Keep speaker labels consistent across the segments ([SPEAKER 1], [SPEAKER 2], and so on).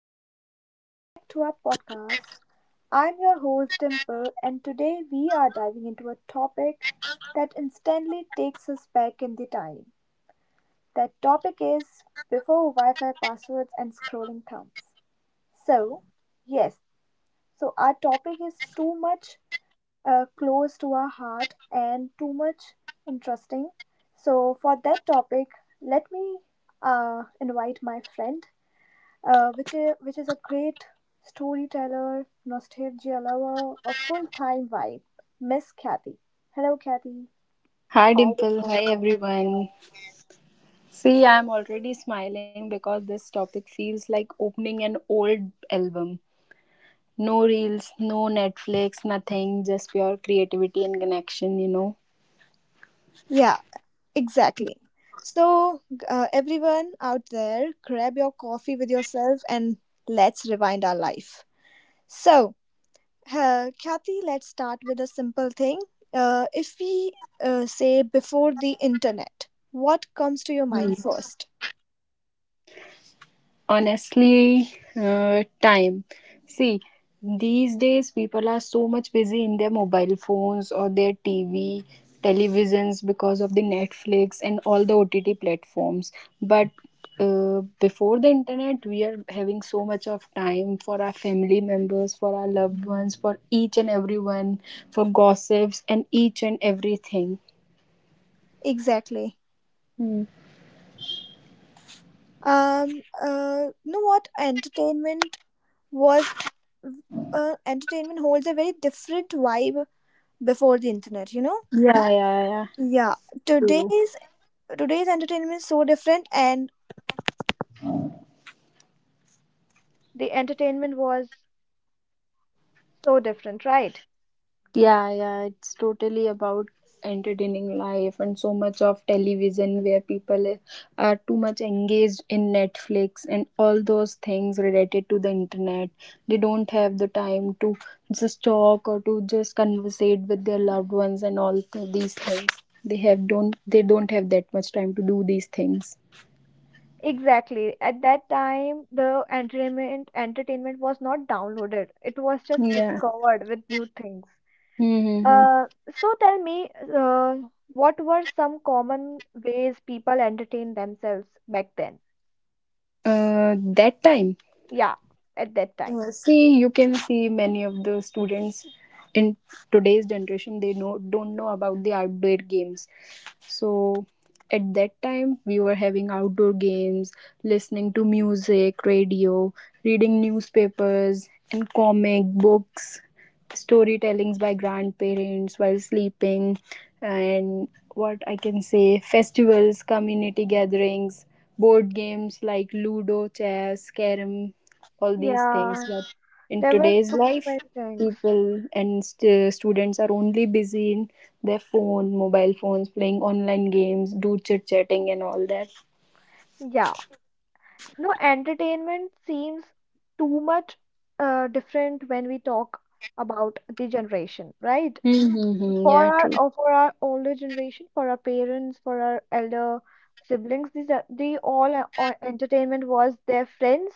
[SPEAKER 1] Everyone, welcome back to our podcast. I'm your host Dimple, and today we are diving into a topic that instantly takes us back in the time. That topic is before Wi Fi passwords and scrolling thumbs. So, yes, our topic is too much close to our heart and too much interesting. So, for that topic, let me invite my friend which is a great storyteller, nostalgia lover, a full time vibe. Miss Kathy. Hello, Kathy.
[SPEAKER 2] Hi Dimple, hi everyone. See, I'm already smiling because this topic feels like opening an old album. No reels, no Netflix, nothing, just pure creativity and connection.
[SPEAKER 1] Yeah, exactly. So, everyone out there, grab your coffee with yourself and let's rewind our life. So, Kathy, let's start with a simple thing. If we say before the internet, what comes to your mind first?
[SPEAKER 2] Honestly, time. See, these days people are so much busy in their mobile phones or their TV, televisions because of the Netflix and all the OTT platforms. But before the internet, we are having so much of time for our family members, for our loved ones, for each and everyone, for gossips and each and everything.
[SPEAKER 1] Exactly. You know what? Was entertainment holds a very different vibe before the internet.
[SPEAKER 2] Yeah, yeah, yeah.
[SPEAKER 1] Yeah, today's today's entertainment is so different, and entertainment was so different, right?
[SPEAKER 2] Yeah, yeah, it's totally about entertaining life and so much of television where people are too much engaged in Netflix and all those things related to the internet. They don't have the time to just talk or to just conversate with their loved ones and all these things. They have don't have that much time to do these things.
[SPEAKER 1] Exactly. At that time, the entertainment was not downloaded. It was just
[SPEAKER 2] Yeah.
[SPEAKER 1] discovered with new things.
[SPEAKER 2] Mm-hmm.
[SPEAKER 1] Uh, so tell me, uh, what were some common ways people entertained themselves back then?
[SPEAKER 2] That time.
[SPEAKER 1] Yeah, at that time.
[SPEAKER 2] See, you can see many of the students in today's generation they know don't know about the outdoor games. So at that time, we were having outdoor games, listening to music, radio, reading newspapers, and comic books, storytellings by grandparents while sleeping, and what I can say festivals, community gatherings, board games like Ludo, chess, carom, all these things.
[SPEAKER 1] Yeah,
[SPEAKER 2] But in
[SPEAKER 1] there were
[SPEAKER 2] today's
[SPEAKER 1] too
[SPEAKER 2] life
[SPEAKER 1] many things.
[SPEAKER 2] people and students are only busy in their phone mobile phones playing online games do chit chatting and all that.
[SPEAKER 1] Yeah, no, entertainment seems too much different when we talk about the generation, right?
[SPEAKER 2] Mm-hmm,
[SPEAKER 1] for
[SPEAKER 2] yeah
[SPEAKER 1] our
[SPEAKER 2] true.
[SPEAKER 1] or for our older generation, for our parents, for our elder siblings, these are the all entertainment was their friends,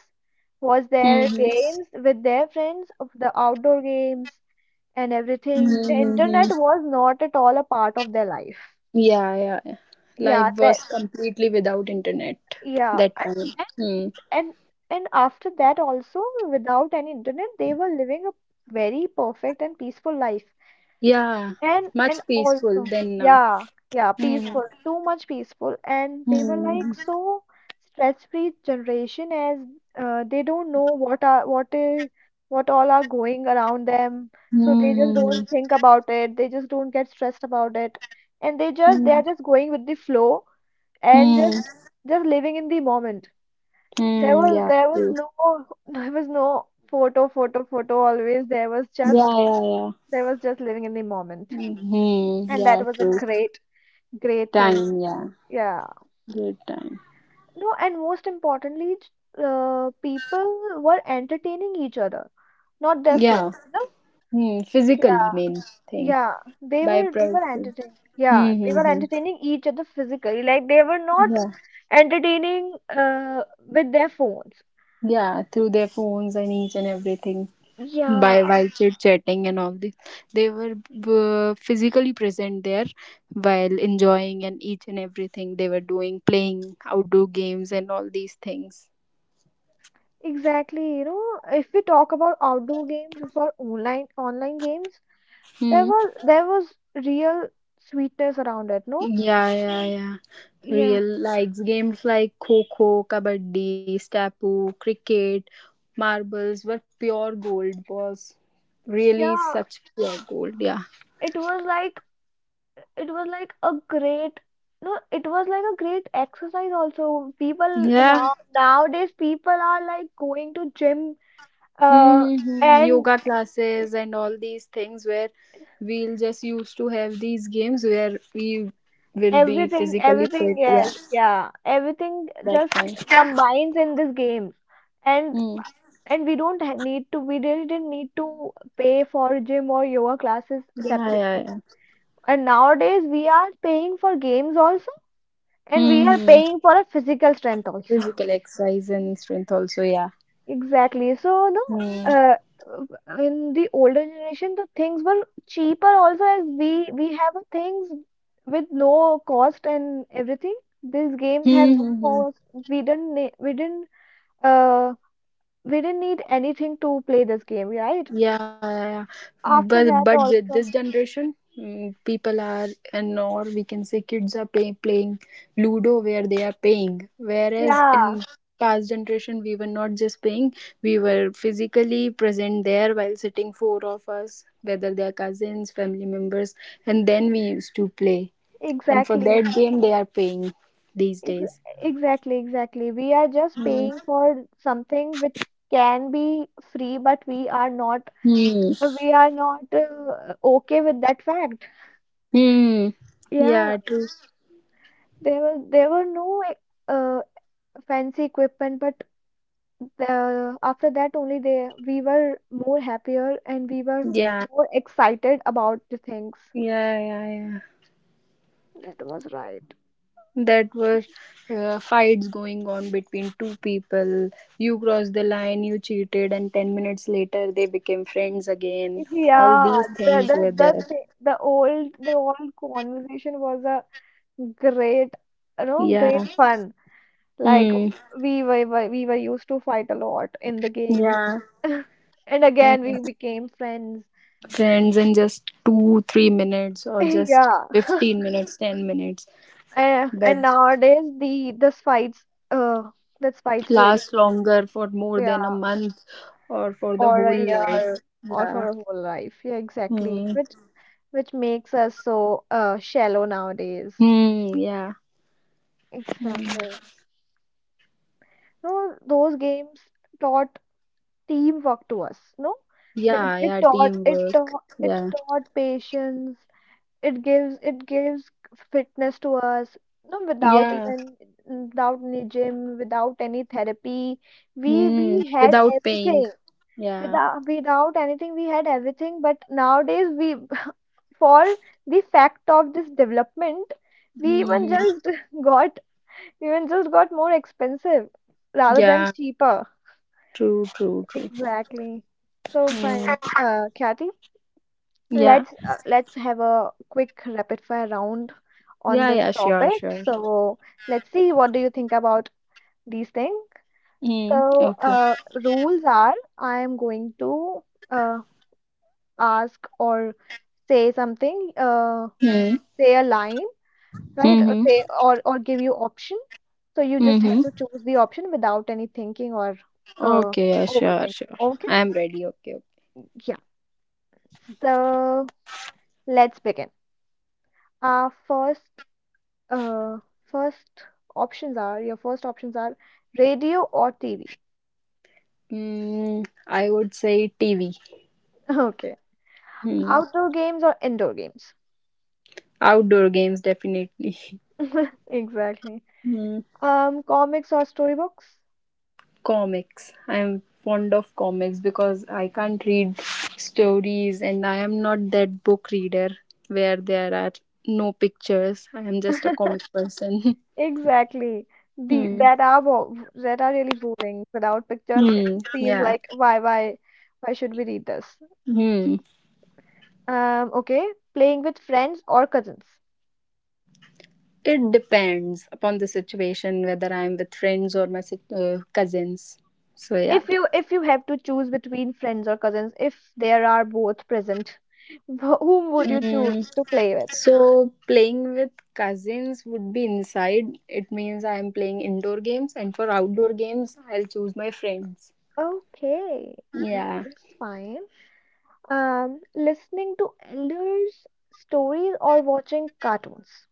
[SPEAKER 1] was their
[SPEAKER 2] Mm-hmm,
[SPEAKER 1] games with their friends, of the outdoor games and everything. The internet
[SPEAKER 2] mm-hmm.
[SPEAKER 1] was not at all a part of their life.
[SPEAKER 2] Yeah, yeah, yeah.
[SPEAKER 1] Yeah,
[SPEAKER 2] Life was
[SPEAKER 1] that
[SPEAKER 2] completely without internet
[SPEAKER 1] yeah,
[SPEAKER 2] that
[SPEAKER 1] and
[SPEAKER 2] time.
[SPEAKER 1] and
[SPEAKER 2] Hmm.
[SPEAKER 1] and and after that also, without any internet, they were living a very perfect and peaceful life.
[SPEAKER 2] Yeah,
[SPEAKER 1] And
[SPEAKER 2] much
[SPEAKER 1] and
[SPEAKER 2] peaceful
[SPEAKER 1] also,
[SPEAKER 2] than now.
[SPEAKER 1] yeah, yeah,
[SPEAKER 2] Hmm.
[SPEAKER 1] peaceful, too much peaceful. And they were
[SPEAKER 2] Hmm.
[SPEAKER 1] like so stress-free generation as they don't know what all are going around them. So they just
[SPEAKER 2] Hmm.
[SPEAKER 1] don't think about it. They just don't get stressed about it. And they just they
[SPEAKER 2] Hmm.
[SPEAKER 1] are just going with the flow and
[SPEAKER 2] Hmm.
[SPEAKER 1] just living in the moment. There
[SPEAKER 2] Hmm.
[SPEAKER 1] was
[SPEAKER 2] Yeah,
[SPEAKER 1] there was
[SPEAKER 2] true.
[SPEAKER 1] no there was no photo always. There was just
[SPEAKER 2] Yeah, yeah, yeah.
[SPEAKER 1] there was just living in the moment.
[SPEAKER 2] Hmm. Hmm.
[SPEAKER 1] And
[SPEAKER 2] Yeah,
[SPEAKER 1] that was a
[SPEAKER 2] true.
[SPEAKER 1] great thing.
[SPEAKER 2] Time, yeah.
[SPEAKER 1] Yeah.
[SPEAKER 2] Good time.
[SPEAKER 1] No, and most importantly, people were entertaining each other, not their
[SPEAKER 2] Yeah.
[SPEAKER 1] phones, you know?
[SPEAKER 2] Hmm. Physically
[SPEAKER 1] Yeah.
[SPEAKER 2] main thing.
[SPEAKER 1] Yeah.
[SPEAKER 2] By
[SPEAKER 1] They were
[SPEAKER 2] prices.
[SPEAKER 1] entertaining.
[SPEAKER 2] Hmm.
[SPEAKER 1] Yeah, they
[SPEAKER 2] Hmm,
[SPEAKER 1] were
[SPEAKER 2] hmm.
[SPEAKER 1] entertaining each other physically. Like they were not
[SPEAKER 2] Yeah.
[SPEAKER 1] entertaining with their phones.
[SPEAKER 2] Yeah. Through their phones and each and everything.
[SPEAKER 1] Yeah,
[SPEAKER 2] By while chit chatting and all this. They were physically present there while enjoying and each and everything they were doing, playing outdoor games and all these things.
[SPEAKER 1] exactly. You know, if we talk about outdoor games for online games, there
[SPEAKER 2] Hmm.
[SPEAKER 1] were there was real sweetness around it, no?
[SPEAKER 2] Yeah, yeah, yeah.
[SPEAKER 1] Yeah.
[SPEAKER 2] Real likes games like Kho Kho, Kabaddi, Stapu, Cricket, Marbles were pure gold, was really
[SPEAKER 1] Yeah.
[SPEAKER 2] such pure gold. Yeah.
[SPEAKER 1] It was like it was like a great exercise also. People
[SPEAKER 2] Yeah.
[SPEAKER 1] now nowadays people are like going to gym uh
[SPEAKER 2] Mm-hmm.
[SPEAKER 1] and
[SPEAKER 2] Yoga classes and all these things where we'll just used to have these games where we will be
[SPEAKER 1] everything
[SPEAKER 2] physically
[SPEAKER 1] everything
[SPEAKER 2] fit. Yeah,
[SPEAKER 1] yes, yeah, everything
[SPEAKER 2] that
[SPEAKER 1] just
[SPEAKER 2] kind.
[SPEAKER 1] combines in this game. And
[SPEAKER 2] Hmm.
[SPEAKER 1] and we don't ha- need to We really didn't need to pay for gym or yoga classes
[SPEAKER 2] Yeah, yeah,
[SPEAKER 1] separately,
[SPEAKER 2] yeah.
[SPEAKER 1] and nowadays we are paying for games also, and we are
[SPEAKER 2] Mm-hmm.
[SPEAKER 1] paying for a physical strength also.
[SPEAKER 2] Physical exercise and strength also. Yeah.
[SPEAKER 1] Exactly. So, no,
[SPEAKER 2] Hmm.
[SPEAKER 1] in the older generation, the things were cheaper also as we have things with no cost and everything. These games have
[SPEAKER 2] Hmm.
[SPEAKER 1] no
[SPEAKER 2] Hmm hmm.
[SPEAKER 1] cost. We didn't ne- uh we didn't need anything to play this game, right?
[SPEAKER 2] Yeah, yeah, yeah. But
[SPEAKER 1] After
[SPEAKER 2] but
[SPEAKER 1] that
[SPEAKER 2] the, this
[SPEAKER 1] also.
[SPEAKER 2] generation, mm, people are and or we can say kids are playing Ludo where they are paying, whereas
[SPEAKER 1] Yeah,
[SPEAKER 2] in past generation we were not just paying, we were physically present there while sitting four of us, whether they are cousins, family members, and then we used to play. And for
[SPEAKER 1] exactly.
[SPEAKER 2] that game, they are paying these
[SPEAKER 1] Ex
[SPEAKER 2] days.
[SPEAKER 1] exactly. We are just
[SPEAKER 2] Hmm.
[SPEAKER 1] paying for something which can be free, but we are not
[SPEAKER 2] Hmm.
[SPEAKER 1] we are not uh, okay with that fact.
[SPEAKER 2] Hmm.
[SPEAKER 1] Yeah,
[SPEAKER 2] Yeah. True.
[SPEAKER 1] there were no uh, fancy equipment, but after that only they we were more happier and we were
[SPEAKER 2] Yeah.
[SPEAKER 1] more excited about the things.
[SPEAKER 2] Yeah. Yeah. Yeah,
[SPEAKER 1] That was right.
[SPEAKER 2] that were fights going on between two people, you crossed the line, you cheated, and 10 minutes later they became friends again, all
[SPEAKER 1] Yeah,
[SPEAKER 2] these
[SPEAKER 1] the
[SPEAKER 2] things
[SPEAKER 1] the
[SPEAKER 2] were
[SPEAKER 1] the
[SPEAKER 2] there.
[SPEAKER 1] thi- the old the old conversation was a great, you know, great
[SPEAKER 2] Yeah.
[SPEAKER 1] fun. Like
[SPEAKER 2] Hmm.
[SPEAKER 1] we were used to fight a lot in the games,
[SPEAKER 2] Yeah.
[SPEAKER 1] and again we
[SPEAKER 2] Mhm.
[SPEAKER 1] became friends.
[SPEAKER 2] Friends in just 2 3 minutes or just
[SPEAKER 1] Yeah.
[SPEAKER 2] 15 minutes 10 minutes
[SPEAKER 1] And
[SPEAKER 2] that
[SPEAKER 1] nowadays the this fights really,
[SPEAKER 2] last longer for more
[SPEAKER 1] yeah,
[SPEAKER 2] than a month or for the
[SPEAKER 1] or a
[SPEAKER 2] whole life.
[SPEAKER 1] year, or for
[SPEAKER 2] Yeah.
[SPEAKER 1] a whole life. Yeah, exactly.
[SPEAKER 2] Hmm.
[SPEAKER 1] Which makes us so shallow nowadays.
[SPEAKER 2] Hmm. Yeah. Mm.
[SPEAKER 1] Exactly. No, those games taught teamwork to us. No,
[SPEAKER 2] Yeah, yeah, teamwork,
[SPEAKER 1] it
[SPEAKER 2] yeah.
[SPEAKER 1] taught patience. It gives fitness to us, no, without
[SPEAKER 2] Yeah.
[SPEAKER 1] even, without any gym, without any therapy, we
[SPEAKER 2] Mm.
[SPEAKER 1] we had
[SPEAKER 2] Without paying.
[SPEAKER 1] everything.
[SPEAKER 2] Yeah.
[SPEAKER 1] Without anything we had everything, but nowadays we for the fact of this development we even
[SPEAKER 2] Hmm.
[SPEAKER 1] just got we even just got more expensive rather than
[SPEAKER 2] Yeah.
[SPEAKER 1] cheaper.
[SPEAKER 2] True, true, true.
[SPEAKER 1] Exactly. So fine,
[SPEAKER 2] Mm.
[SPEAKER 1] Kathy,
[SPEAKER 2] Yeah.
[SPEAKER 1] let's let's have a quick rapid fire round on
[SPEAKER 2] Yeah,
[SPEAKER 1] this
[SPEAKER 2] yeah, sure,
[SPEAKER 1] topic.
[SPEAKER 2] sure.
[SPEAKER 1] So let's see what do you think about these things.
[SPEAKER 2] Mm.
[SPEAKER 1] So
[SPEAKER 2] Okay.
[SPEAKER 1] rules are I am going to uh, ask or say something,
[SPEAKER 2] Mm.
[SPEAKER 1] say a line, right? Or say
[SPEAKER 2] Mm-hmm.
[SPEAKER 1] or give you option. So you just have
[SPEAKER 2] Mm-hmm.
[SPEAKER 1] to choose the option without any thinking or uh,
[SPEAKER 2] Okay, yeah, sure,
[SPEAKER 1] overthinking.
[SPEAKER 2] sure.
[SPEAKER 1] Okay?
[SPEAKER 2] I'm ready. Okay. Okay.
[SPEAKER 1] Yeah. So let's begin. Our first Uh, first options are your first options are radio or TV.
[SPEAKER 2] Mm, I would say TV.
[SPEAKER 1] Okay.
[SPEAKER 2] Mm.
[SPEAKER 1] Outdoor games or indoor games?
[SPEAKER 2] Outdoor games, definitely.
[SPEAKER 1] Exactly.
[SPEAKER 2] Mm.
[SPEAKER 1] Comics or storybooks?
[SPEAKER 2] Comics. I'm fond of comics because I can't read stories and I am not that book reader where there are no pictures. I am just a comic person.
[SPEAKER 1] Exactly. The
[SPEAKER 2] Hmm.
[SPEAKER 1] that are bo that are really boring. Without pictures, it
[SPEAKER 2] Hmm.
[SPEAKER 1] seems
[SPEAKER 2] Yeah.
[SPEAKER 1] like why should we read this?
[SPEAKER 2] Hmm.
[SPEAKER 1] Okay. Playing with friends or cousins?
[SPEAKER 2] It depends upon the situation whether I'm with friends or my cousins. So yeah.
[SPEAKER 1] If you have to choose between friends or cousins, if there are both present, whom would you choose
[SPEAKER 2] Mm,
[SPEAKER 1] to play with?
[SPEAKER 2] so playing with cousins would be inside. It means I am playing indoor games, and for outdoor games, I'll choose my friends.
[SPEAKER 1] Okay,
[SPEAKER 2] Yeah.
[SPEAKER 1] nice, fine. Listening to elders' stories or watching cartoons.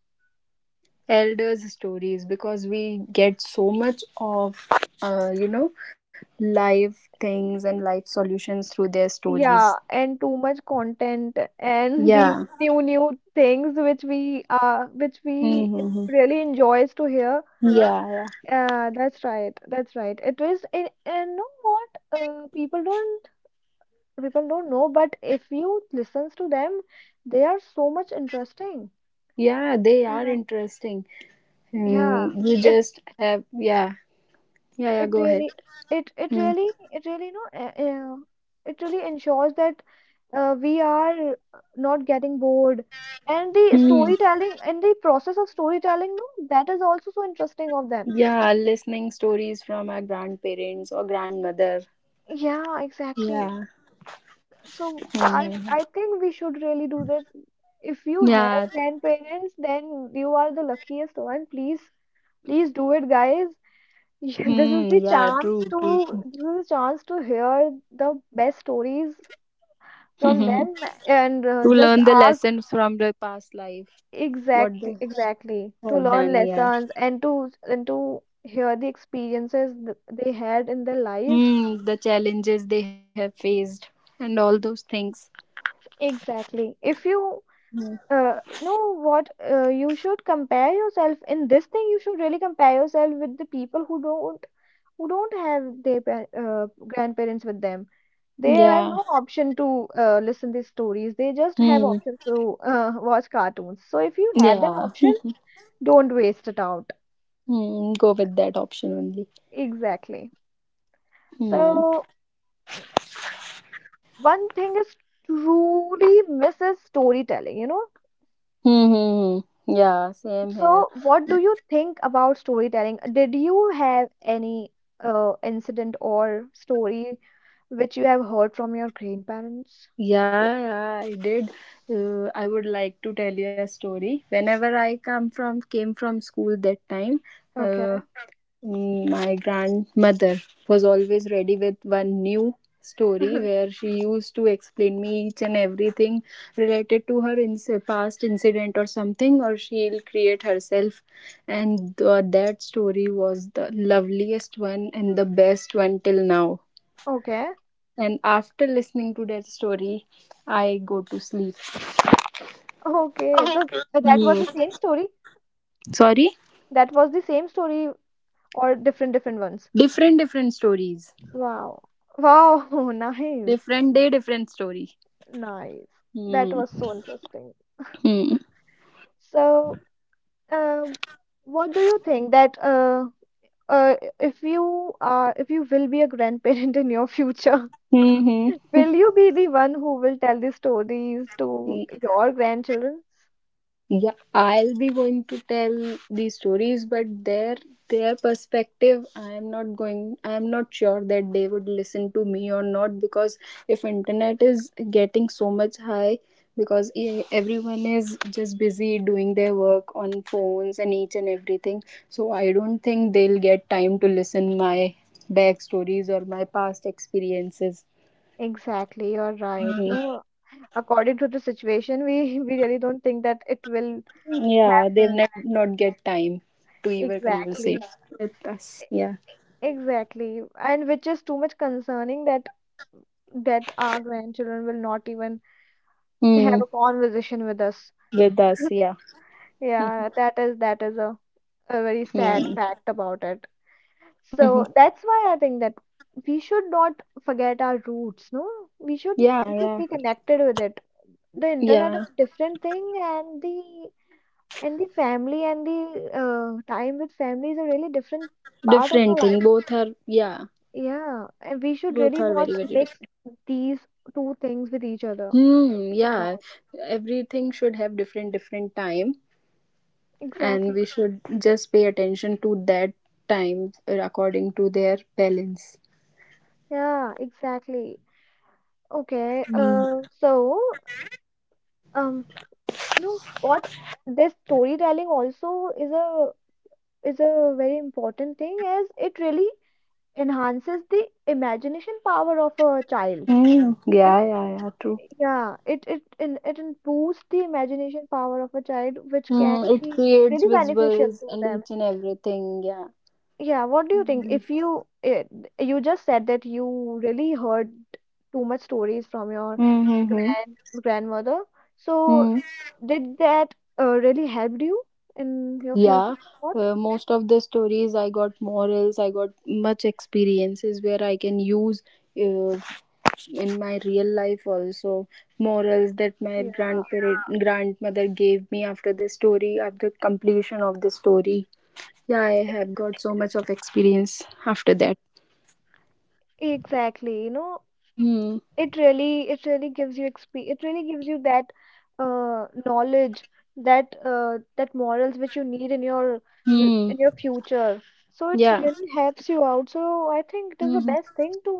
[SPEAKER 2] Elders stories because we get so much of uh, you know life things and life solutions through their stories.
[SPEAKER 1] Yeah, and too much content and the
[SPEAKER 2] Yeah.
[SPEAKER 1] new things which we
[SPEAKER 2] Mm-hmm.
[SPEAKER 1] really enjoys to hear.
[SPEAKER 2] Yeah, yeah,
[SPEAKER 1] That's right, that's right. It is, and know what, people don't, people don't know, but if you listens to them, they are so much interesting.
[SPEAKER 2] yeah, they are
[SPEAKER 1] Uh,
[SPEAKER 2] interesting.
[SPEAKER 1] yeah,
[SPEAKER 2] Mm, you
[SPEAKER 1] it
[SPEAKER 2] just have, yeah. Yeah, yeah,
[SPEAKER 1] it
[SPEAKER 2] go ahead.
[SPEAKER 1] really
[SPEAKER 2] Mm.
[SPEAKER 1] it really, you know, it really ensures that we are not getting bored, and the
[SPEAKER 2] Hmm.
[SPEAKER 1] storytelling and the process of storytelling, no, that is also so interesting of them,
[SPEAKER 2] Yeah, listening stories from our grandparents or grandmother.
[SPEAKER 1] yeah, exactly.
[SPEAKER 2] Yeah.
[SPEAKER 1] So i
[SPEAKER 2] Mhm.
[SPEAKER 1] i think we should really do this. If you have
[SPEAKER 2] Yeah.
[SPEAKER 1] grandparents, then you are the luckiest one. Please please do it, guys. Yeah,
[SPEAKER 2] Hmm. Yeah, true, true.
[SPEAKER 1] this is a chance to hear the best stories from
[SPEAKER 2] True.
[SPEAKER 1] them, and
[SPEAKER 2] To
[SPEAKER 1] just
[SPEAKER 2] learn the
[SPEAKER 1] ask.
[SPEAKER 2] lessons from the past life, what they
[SPEAKER 1] Exactly, to
[SPEAKER 2] have
[SPEAKER 1] learn
[SPEAKER 2] done. Yeah.
[SPEAKER 1] lessons, and to and to hear the experiences they had in their life.
[SPEAKER 2] Mm, the challenges they have faced and all those things.
[SPEAKER 1] Exactly. If you know what, you should compare yourself in this thing. You should really compare yourself with the people who don't, have their grandparents with them. They have
[SPEAKER 2] Yeah.
[SPEAKER 1] no option to listen these stories. They just have
[SPEAKER 2] Hmm.
[SPEAKER 1] options to watch cartoons. So if you have that
[SPEAKER 2] Yeah.
[SPEAKER 1] option, don't waste it out.
[SPEAKER 2] Hmm. Go with that option only.
[SPEAKER 1] Exactly. So,
[SPEAKER 2] Hmm.
[SPEAKER 1] mm, one thing is truly misses storytelling, you know?
[SPEAKER 2] Hmm, hmm, hmm. Yeah, same here.
[SPEAKER 1] So, what do you think about storytelling? Did you have any incident or story which you have heard from your grandparents?
[SPEAKER 2] Yeah, yeah, I did. I would like to tell you a story. Whenever I come from came from school, that time, uh,
[SPEAKER 1] Okay.
[SPEAKER 2] mm, my grandmother was always ready with one new story where she used to explain me each and everything related to her in past incident or something, or she'll create herself, and that story was the loveliest one and the best one till now.
[SPEAKER 1] Okay.
[SPEAKER 2] And after listening to that story, I go to sleep.
[SPEAKER 1] Okay. So, so that was
[SPEAKER 2] Hmm.
[SPEAKER 1] the same story.
[SPEAKER 2] Sorry.
[SPEAKER 1] That was the same story or different, different ones.
[SPEAKER 2] Different different stories.
[SPEAKER 1] Wow. Wow. Nice.
[SPEAKER 2] Different day different story.
[SPEAKER 1] Nice. That
[SPEAKER 2] Hmm.
[SPEAKER 1] was so interesting.
[SPEAKER 2] Hmm.
[SPEAKER 1] So, Uh, what do you think that if you are if you will be a grandparent in your future,
[SPEAKER 2] Hmm. Hmm.
[SPEAKER 1] will you be the one who will tell the stories to
[SPEAKER 2] Y-
[SPEAKER 1] your grandchildren?
[SPEAKER 2] Yeah, I'll be going to tell these stories, but their perspective, I am not going. I am not sure that they would listen to me or not because if internet is getting so much high, because everyone is just busy doing their work on phones and each and everything, so I don't think they'll get time to listen my backstories or my past experiences.
[SPEAKER 1] Exactly, you're right.
[SPEAKER 2] Hmm.
[SPEAKER 1] No, according to the situation, we we really don't think that it will
[SPEAKER 2] Yeah, they'll
[SPEAKER 1] happen.
[SPEAKER 2] not get time to even conversate
[SPEAKER 1] Exactly.
[SPEAKER 2] with
[SPEAKER 1] E-
[SPEAKER 2] us. Yeah.
[SPEAKER 1] Exactly. And which is too much concerning that our grandchildren will not even have
[SPEAKER 2] Hmm.
[SPEAKER 1] a conversation with us.
[SPEAKER 2] With us. Yeah.
[SPEAKER 1] Yeah, that is a very sad
[SPEAKER 2] Hmm.
[SPEAKER 1] fact about it.
[SPEAKER 2] Mhm.
[SPEAKER 1] So that's why I think that we should not forget our roots, no? We should
[SPEAKER 2] Yeah.
[SPEAKER 1] we should
[SPEAKER 2] Yeah.
[SPEAKER 1] be connected with it. The internet is
[SPEAKER 2] Yeah.
[SPEAKER 1] a different thing, and the family and the time with family is a really different part of our
[SPEAKER 2] Different thing.
[SPEAKER 1] life.
[SPEAKER 2] Both are. Yeah.
[SPEAKER 1] Yeah, and we should
[SPEAKER 2] Both
[SPEAKER 1] really
[SPEAKER 2] are very
[SPEAKER 1] not
[SPEAKER 2] very
[SPEAKER 1] mix
[SPEAKER 2] different.
[SPEAKER 1] these two things with each other. We
[SPEAKER 2] Hmm.
[SPEAKER 1] should
[SPEAKER 2] Yeah.
[SPEAKER 1] not.
[SPEAKER 2] Everything should have different different time, and
[SPEAKER 1] Exactly.
[SPEAKER 2] we should just pay attention to that time according to their balance.
[SPEAKER 1] Yeah, exactly. Okay,
[SPEAKER 2] Hmm.
[SPEAKER 1] so um you know what, this storytelling also is a, is a very important thing, as it really enhances the imagination power of a child.
[SPEAKER 2] Hmm.
[SPEAKER 1] You know
[SPEAKER 2] Yeah. Yeah.
[SPEAKER 1] what?
[SPEAKER 2] Yeah. True.
[SPEAKER 1] Yeah, it improves the imagination power of a child, which can
[SPEAKER 2] Mm, it
[SPEAKER 1] be
[SPEAKER 2] creates
[SPEAKER 1] really beneficial
[SPEAKER 2] visuals
[SPEAKER 1] to
[SPEAKER 2] and
[SPEAKER 1] them.
[SPEAKER 2] each and everything. Yeah.
[SPEAKER 1] Yeah, what do you think? If
[SPEAKER 2] Mm-hmm.
[SPEAKER 1] you, you just said that you really heard too much stories from your
[SPEAKER 2] Mm-hmm.
[SPEAKER 1] grand grandmother, so
[SPEAKER 2] Mm.
[SPEAKER 1] did that really helped you in your future
[SPEAKER 2] Yeah.
[SPEAKER 1] or what?
[SPEAKER 2] Most of the stories I got morals, I got much experiences where I can use uh, in my real life also. Morals that my
[SPEAKER 1] Yeah,
[SPEAKER 2] grandparent grandmother gave me after the story, after completion of the story. Yeah, I have got so much of experience after that.
[SPEAKER 1] exactly. You know,
[SPEAKER 2] Hmm.
[SPEAKER 1] it really gives you that knowledge, that that morals which you need in your
[SPEAKER 2] Hmm.
[SPEAKER 1] in your future. So it
[SPEAKER 2] Yeah.
[SPEAKER 1] really helps you out. So I think it is the
[SPEAKER 2] Mm-hmm.
[SPEAKER 1] best thing to,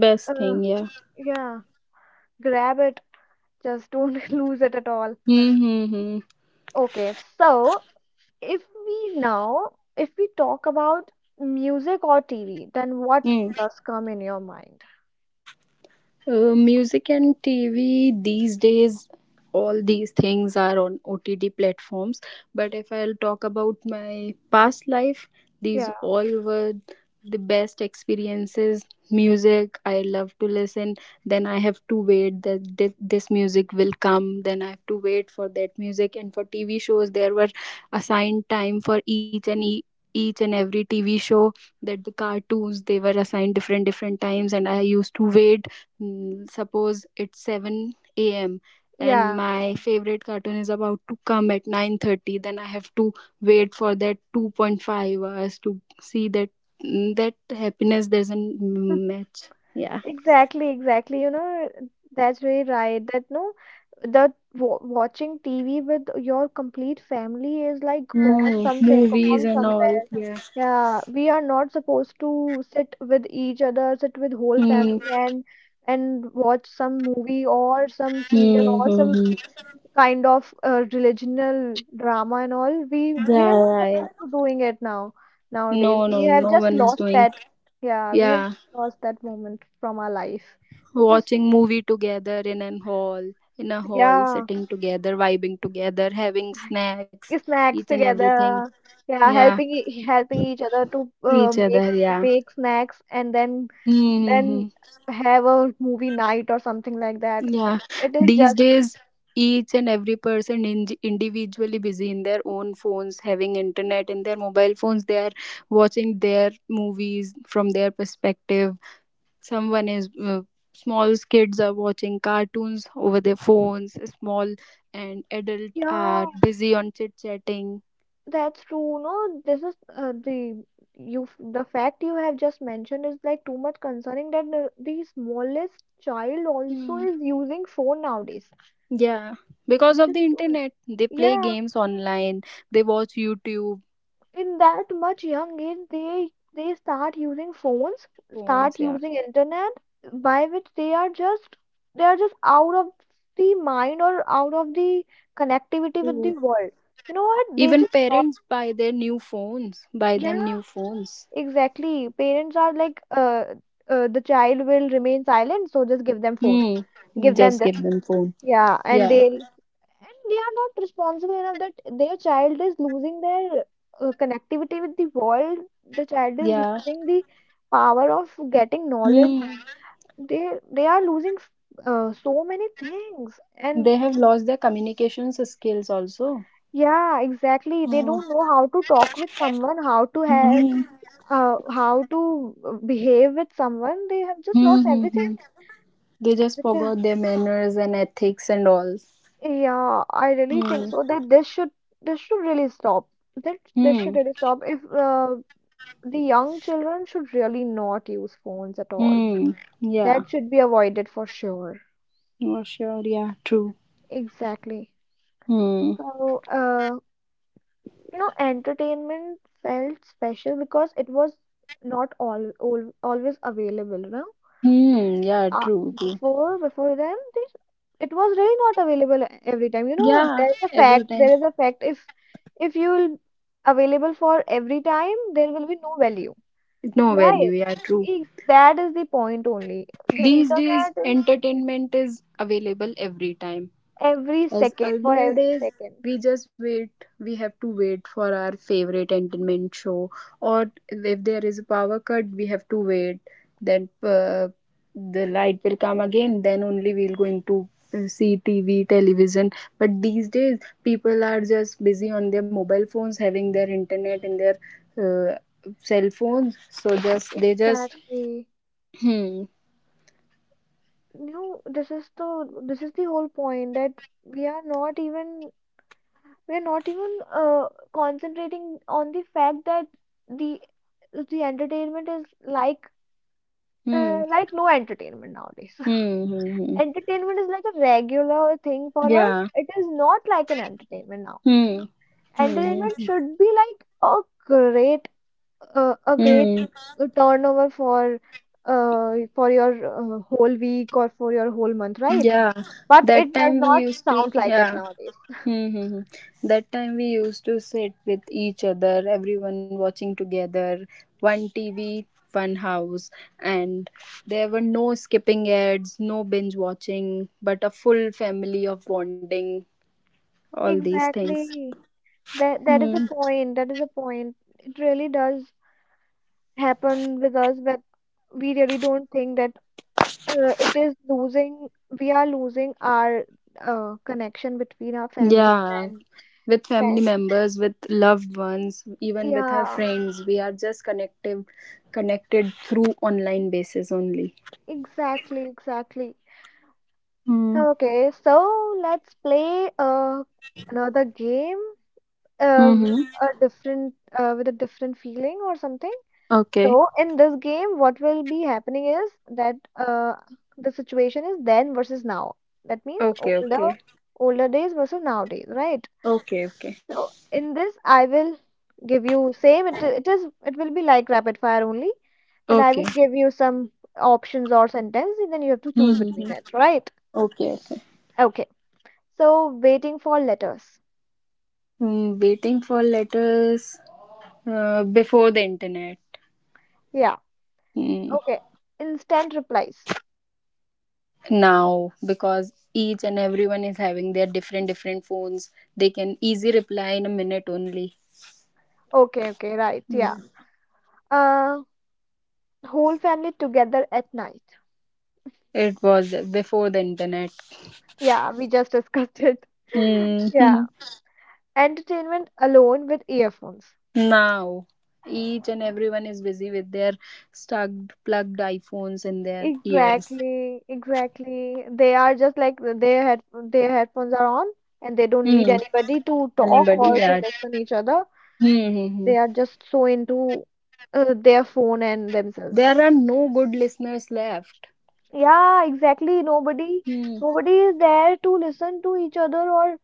[SPEAKER 2] Best
[SPEAKER 1] uh,
[SPEAKER 2] thing. Yeah.
[SPEAKER 1] yeah, grab it. Just don't lose it at all.
[SPEAKER 2] Hmm. Hmm. Hmm.
[SPEAKER 1] Okay, so if we now, if we talk about music or TV, then what
[SPEAKER 2] Hmm.
[SPEAKER 1] does come in your mind?
[SPEAKER 2] Music and TV these days, all these things are on OTT platforms. But if I'll talk about my past life, these
[SPEAKER 1] Yeah,
[SPEAKER 2] all were the best experiences. Music, I love to listen. Then I have to wait that this music will come. Then I have to wait for that music. And for TV shows, there were assigned time for each and every TV show that the cartoons they were assigned different different times and I used to wait. Mm, suppose it's 7 a.m. and
[SPEAKER 1] yeah,
[SPEAKER 2] my favorite cartoon is about to come at 9:30, then I have to wait for that 2.5 hours to see that. Mm, that happiness doesn't match. Yeah.
[SPEAKER 1] Exactly, that's very right. That no, that wa watching TV with your complete family is like gone
[SPEAKER 2] Mm,
[SPEAKER 1] something,
[SPEAKER 2] movies
[SPEAKER 1] gone
[SPEAKER 2] and all.
[SPEAKER 1] somewhere.
[SPEAKER 2] Yeah.
[SPEAKER 1] Yeah, we are not supposed to sit with each other, sit with whole
[SPEAKER 2] Hmm.
[SPEAKER 1] family and watch some movie or some serial
[SPEAKER 2] Hmm.
[SPEAKER 1] or
[SPEAKER 2] Hmm,
[SPEAKER 1] some
[SPEAKER 2] hmm.
[SPEAKER 1] kind of religional drama and all we
[SPEAKER 2] Yeah,
[SPEAKER 1] we are not
[SPEAKER 2] yeah, yeah.
[SPEAKER 1] supposed to doing it now. Nowadays
[SPEAKER 2] No,
[SPEAKER 1] we
[SPEAKER 2] no,
[SPEAKER 1] have
[SPEAKER 2] no
[SPEAKER 1] just
[SPEAKER 2] one is
[SPEAKER 1] lost
[SPEAKER 2] doing.
[SPEAKER 1] that. Yeah, we have
[SPEAKER 2] Yeah.
[SPEAKER 1] lost that moment from our life, which is,
[SPEAKER 2] Watching movie together in an hall, in a hall,
[SPEAKER 1] yeah,
[SPEAKER 2] sitting together, vibing together, having snacks, each
[SPEAKER 1] snacks
[SPEAKER 2] and everything.
[SPEAKER 1] together, yeah,
[SPEAKER 2] Yeah.
[SPEAKER 1] helping helping each other to
[SPEAKER 2] Each
[SPEAKER 1] make
[SPEAKER 2] other, yeah.
[SPEAKER 1] snacks and then then
[SPEAKER 2] Mm-hmm.
[SPEAKER 1] have a movie night or something like that.
[SPEAKER 2] Yeah,
[SPEAKER 1] It is
[SPEAKER 2] these
[SPEAKER 1] just,
[SPEAKER 2] days each and every person individually busy in their own phones having internet in their mobile phones, they are watching their movies from their perspective. Someone is small kids are watching cartoons over their phones small, and adult are
[SPEAKER 1] yeah,
[SPEAKER 2] busy on chit chatting.
[SPEAKER 1] that's true. No, this is the, the fact you have just mentioned is like too much concerning that the smallest child also
[SPEAKER 2] Hmm.
[SPEAKER 1] is using phone nowadays,
[SPEAKER 2] Yeah, because
[SPEAKER 1] which
[SPEAKER 2] of
[SPEAKER 1] is
[SPEAKER 2] the
[SPEAKER 1] too much.
[SPEAKER 2] internet they play
[SPEAKER 1] Yeah,
[SPEAKER 2] games online, they watch YouTube
[SPEAKER 1] in that much young age, they start using phones, start
[SPEAKER 2] phones, yeah.
[SPEAKER 1] using internet, by which they are just out of the mind or out of the connectivity with the
[SPEAKER 2] True.
[SPEAKER 1] world. You know what? They
[SPEAKER 2] Even
[SPEAKER 1] just
[SPEAKER 2] parents buy their new phones, buy them
[SPEAKER 1] lost.
[SPEAKER 2] new phones.
[SPEAKER 1] Exactly. Parents are like, the child will remain silent, so just give them phone,
[SPEAKER 2] Hmm.
[SPEAKER 1] give them
[SPEAKER 2] Just
[SPEAKER 1] this,
[SPEAKER 2] give them phone.
[SPEAKER 1] yeah, and
[SPEAKER 2] Yeah,
[SPEAKER 1] they are not responsible enough that their child is losing their connectivity with the world. The child is
[SPEAKER 2] yeah.
[SPEAKER 1] losing the power of getting knowledge.
[SPEAKER 2] Hmm.
[SPEAKER 1] They are losing so many things, and
[SPEAKER 2] They have lost their communications skills also.
[SPEAKER 1] yeah, exactly. They
[SPEAKER 2] Hmm.
[SPEAKER 1] don't know how to talk with someone, how to have
[SPEAKER 2] Hmm.
[SPEAKER 1] how to behave with someone. They have just
[SPEAKER 2] Hmm.
[SPEAKER 1] lost
[SPEAKER 2] Hmm.
[SPEAKER 1] everything.
[SPEAKER 2] Hmm. They just
[SPEAKER 1] Which,
[SPEAKER 2] forgot their manners and ethics and all.
[SPEAKER 1] yeah, I really think
[SPEAKER 2] Hmm.
[SPEAKER 1] so that this should, this should really stop. That this should
[SPEAKER 2] Hmm.
[SPEAKER 1] really stop. If The young children should really not use phones at all.
[SPEAKER 2] Hmm. Yeah.
[SPEAKER 1] That should be avoided for sure.
[SPEAKER 2] For sure. Yeah. True.
[SPEAKER 1] Exactly.
[SPEAKER 2] Hmm.
[SPEAKER 1] So, you know, entertainment felt special because it was not all always available, no?
[SPEAKER 2] Hmm. Yeah.
[SPEAKER 1] uh,
[SPEAKER 2] True. True.
[SPEAKER 1] Before then this, it was really not available every time. You know,
[SPEAKER 2] Yeah.
[SPEAKER 1] there is a
[SPEAKER 2] Every
[SPEAKER 1] fact,
[SPEAKER 2] time.
[SPEAKER 1] there is a fact, if you will available for every time, there will be no value,
[SPEAKER 2] No value.
[SPEAKER 1] right?
[SPEAKER 2] Yeah. True.
[SPEAKER 1] That is the point only. The
[SPEAKER 2] These days,
[SPEAKER 1] internet is
[SPEAKER 2] entertainment is available every time.
[SPEAKER 1] every
[SPEAKER 2] As
[SPEAKER 1] second, for
[SPEAKER 2] earlier
[SPEAKER 1] every
[SPEAKER 2] days,
[SPEAKER 1] second,
[SPEAKER 2] we just wait. We have to wait for our favorite entertainment show, or if there is a power cut, we have to wait. Then the light will come again. Then only we'll going to see TV, television. But these days, people are just busy on their mobile phones, having their internet in their uh, cell phones. So just they just.
[SPEAKER 1] exactly.
[SPEAKER 2] Hmm.
[SPEAKER 1] You know, this is the, this is the whole point that we are not even, we're not even, concentrating on the fact that the the entertainment is like,
[SPEAKER 2] Hmm.
[SPEAKER 1] like no entertainment nowadays.
[SPEAKER 2] Hmm. Hmm, hmm.
[SPEAKER 1] Entertainment is like a regular thing for us.
[SPEAKER 2] Yeah.
[SPEAKER 1] It is not like an entertainment now.
[SPEAKER 2] Hmm. Hmm. Hmm.
[SPEAKER 1] Entertainment
[SPEAKER 2] Hmm.
[SPEAKER 1] should be like a great, a great
[SPEAKER 2] Hmm.
[SPEAKER 1] turnover for, for your, whole week or for your whole month, right?
[SPEAKER 2] Yeah,
[SPEAKER 1] But
[SPEAKER 2] that
[SPEAKER 1] it does
[SPEAKER 2] time we
[SPEAKER 1] not
[SPEAKER 2] used to,
[SPEAKER 1] sound like it
[SPEAKER 2] yeah,
[SPEAKER 1] nowadays.
[SPEAKER 2] mm-hmm, that time we used to sit with each other, everyone watching together, one TV, one house, and there were no skipping ads, no binge watching, but a full family of bonding, all these things.
[SPEAKER 1] Exactly. That is
[SPEAKER 2] Mm.
[SPEAKER 1] a point. That is a point. It really does happen with us that we really don't think that, it is losing. We are losing our, connection between our family
[SPEAKER 2] Yeah,
[SPEAKER 1] and
[SPEAKER 2] with
[SPEAKER 1] friends.
[SPEAKER 2] family members, with loved ones, even with our
[SPEAKER 1] Yeah,
[SPEAKER 2] friends, we are just connected, connected through online basis only.
[SPEAKER 1] exactly.
[SPEAKER 2] Mm.
[SPEAKER 1] Okay, so let's play, another game, with
[SPEAKER 2] Mm-hmm.
[SPEAKER 1] a different, with a different feeling or something.
[SPEAKER 2] Okay.
[SPEAKER 1] So in this game, what will be happening is that, the situation is then versus now. That means
[SPEAKER 2] Okay,
[SPEAKER 1] older,
[SPEAKER 2] okay.
[SPEAKER 1] older days versus nowadays, right?
[SPEAKER 2] Okay, okay.
[SPEAKER 1] So in this, I will give you same. It will be like rapid fire only. Then I
[SPEAKER 2] Okay.
[SPEAKER 1] will give you some options or sentence, and then you have to choose
[SPEAKER 2] Mm-hmm.
[SPEAKER 1] between it, right?
[SPEAKER 2] Okay, okay.
[SPEAKER 1] Okay. So, waiting for letters.
[SPEAKER 2] Mm, waiting for letters before the internet.
[SPEAKER 1] Yeah.
[SPEAKER 2] Mm,
[SPEAKER 1] Okay. Instant replies.
[SPEAKER 2] now because each and everyone is having their different different phones they can easy reply in a minute only.
[SPEAKER 1] Okay, okay, right. Yeah. Uh, whole family together at night.
[SPEAKER 2] It was before the internet.
[SPEAKER 1] Yeah, we just discussed it. Yeah.
[SPEAKER 2] Mm.
[SPEAKER 1] Entertainment alone with earphones.
[SPEAKER 2] Now each and everyone is busy with their stuck plugged iPhones in their ears.
[SPEAKER 1] Exactly, They are just like their head, their headphones are on, and they don't need
[SPEAKER 2] Hmm.
[SPEAKER 1] anybody to talk
[SPEAKER 2] Anybody,
[SPEAKER 1] or to
[SPEAKER 2] yeah.
[SPEAKER 1] listen each other.
[SPEAKER 2] Hmm. Hmm.
[SPEAKER 1] They
[SPEAKER 2] Hmm.
[SPEAKER 1] are just so into, their phone and themselves.
[SPEAKER 2] There are no good listeners left.
[SPEAKER 1] Yeah, exactly. Nobody,
[SPEAKER 2] Hmm.
[SPEAKER 1] nobody is there to listen to each other or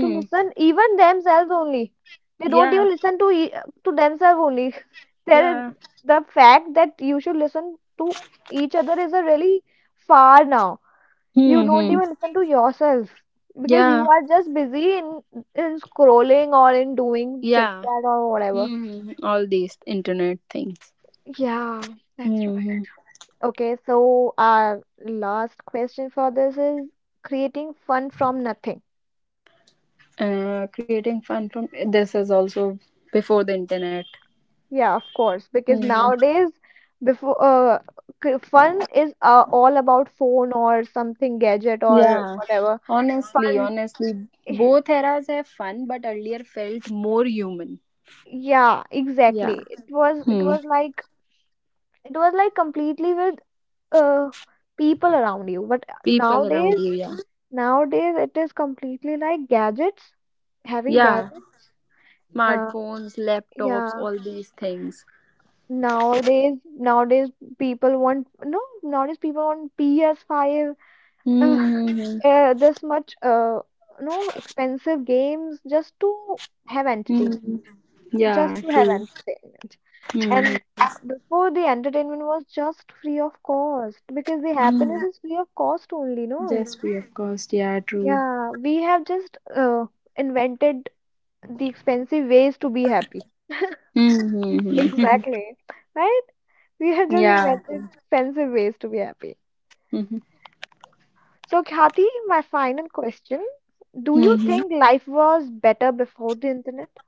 [SPEAKER 1] to listen even themselves only. They don't
[SPEAKER 2] Yeah.
[SPEAKER 1] even listen to e to themselves only. There is
[SPEAKER 2] Yeah.
[SPEAKER 1] the fact that you should listen to each other is a really far now. You
[SPEAKER 2] Hmm.
[SPEAKER 1] don't
[SPEAKER 2] Hmm.
[SPEAKER 1] even listen to yourself because you
[SPEAKER 2] Yeah.
[SPEAKER 1] are just busy in scrolling or in doing chit
[SPEAKER 2] Yeah.
[SPEAKER 1] chat or whatever.
[SPEAKER 2] Hmm. Hmm. All these internet things.
[SPEAKER 1] Yeah, that's
[SPEAKER 2] Hmm.
[SPEAKER 1] right.
[SPEAKER 2] Hmm.
[SPEAKER 1] Okay, so our last question for this is creating fun from nothing.
[SPEAKER 2] Creating fun from this is also before the internet.
[SPEAKER 1] Yeah, of course, because
[SPEAKER 2] Hmm.
[SPEAKER 1] nowadays, before uh, fun is, all about phone or something gadget or
[SPEAKER 2] Yeah.
[SPEAKER 1] whatever.
[SPEAKER 2] Honestly,
[SPEAKER 1] Fun,
[SPEAKER 2] honestly, both eras have fun, but earlier felt more human.
[SPEAKER 1] yeah,
[SPEAKER 2] Yeah.
[SPEAKER 1] exactly. It was it
[SPEAKER 2] Hmm.
[SPEAKER 1] was like it was like completely with, uh people around you. But
[SPEAKER 2] People around
[SPEAKER 1] nowadays,
[SPEAKER 2] you. Yeah.
[SPEAKER 1] nowadays it is completely like gadgets, having
[SPEAKER 2] Yeah.
[SPEAKER 1] gadgets. Uh,
[SPEAKER 2] Smartphones, laptops,
[SPEAKER 1] yeah.
[SPEAKER 2] all these things.
[SPEAKER 1] Nowadays, people want no. Nowadays people want PS5, uh,
[SPEAKER 2] Mm-hmm.
[SPEAKER 1] this much, no expensive games just to have entertainment,
[SPEAKER 2] Hmm. Yeah,
[SPEAKER 1] just to have
[SPEAKER 2] true.
[SPEAKER 1] entertainment. And
[SPEAKER 2] Mm-hmm.
[SPEAKER 1] before the entertainment was just free of cost because the
[SPEAKER 2] Mm-hmm.
[SPEAKER 1] happiness is free of cost only, no?
[SPEAKER 2] Yes, we of course. Yeah, true.
[SPEAKER 1] Yeah, we have just, invented the expensive ways to be happy.
[SPEAKER 2] Mm-hmm.
[SPEAKER 1] Exactly. Right? We have just
[SPEAKER 2] Yeah.
[SPEAKER 1] invented
[SPEAKER 2] True.
[SPEAKER 1] expensive ways to be happy.
[SPEAKER 2] Mm-hmm.
[SPEAKER 1] So, Kati, my final question. Do you
[SPEAKER 2] Mm-hmm.
[SPEAKER 1] think life was better before the internet?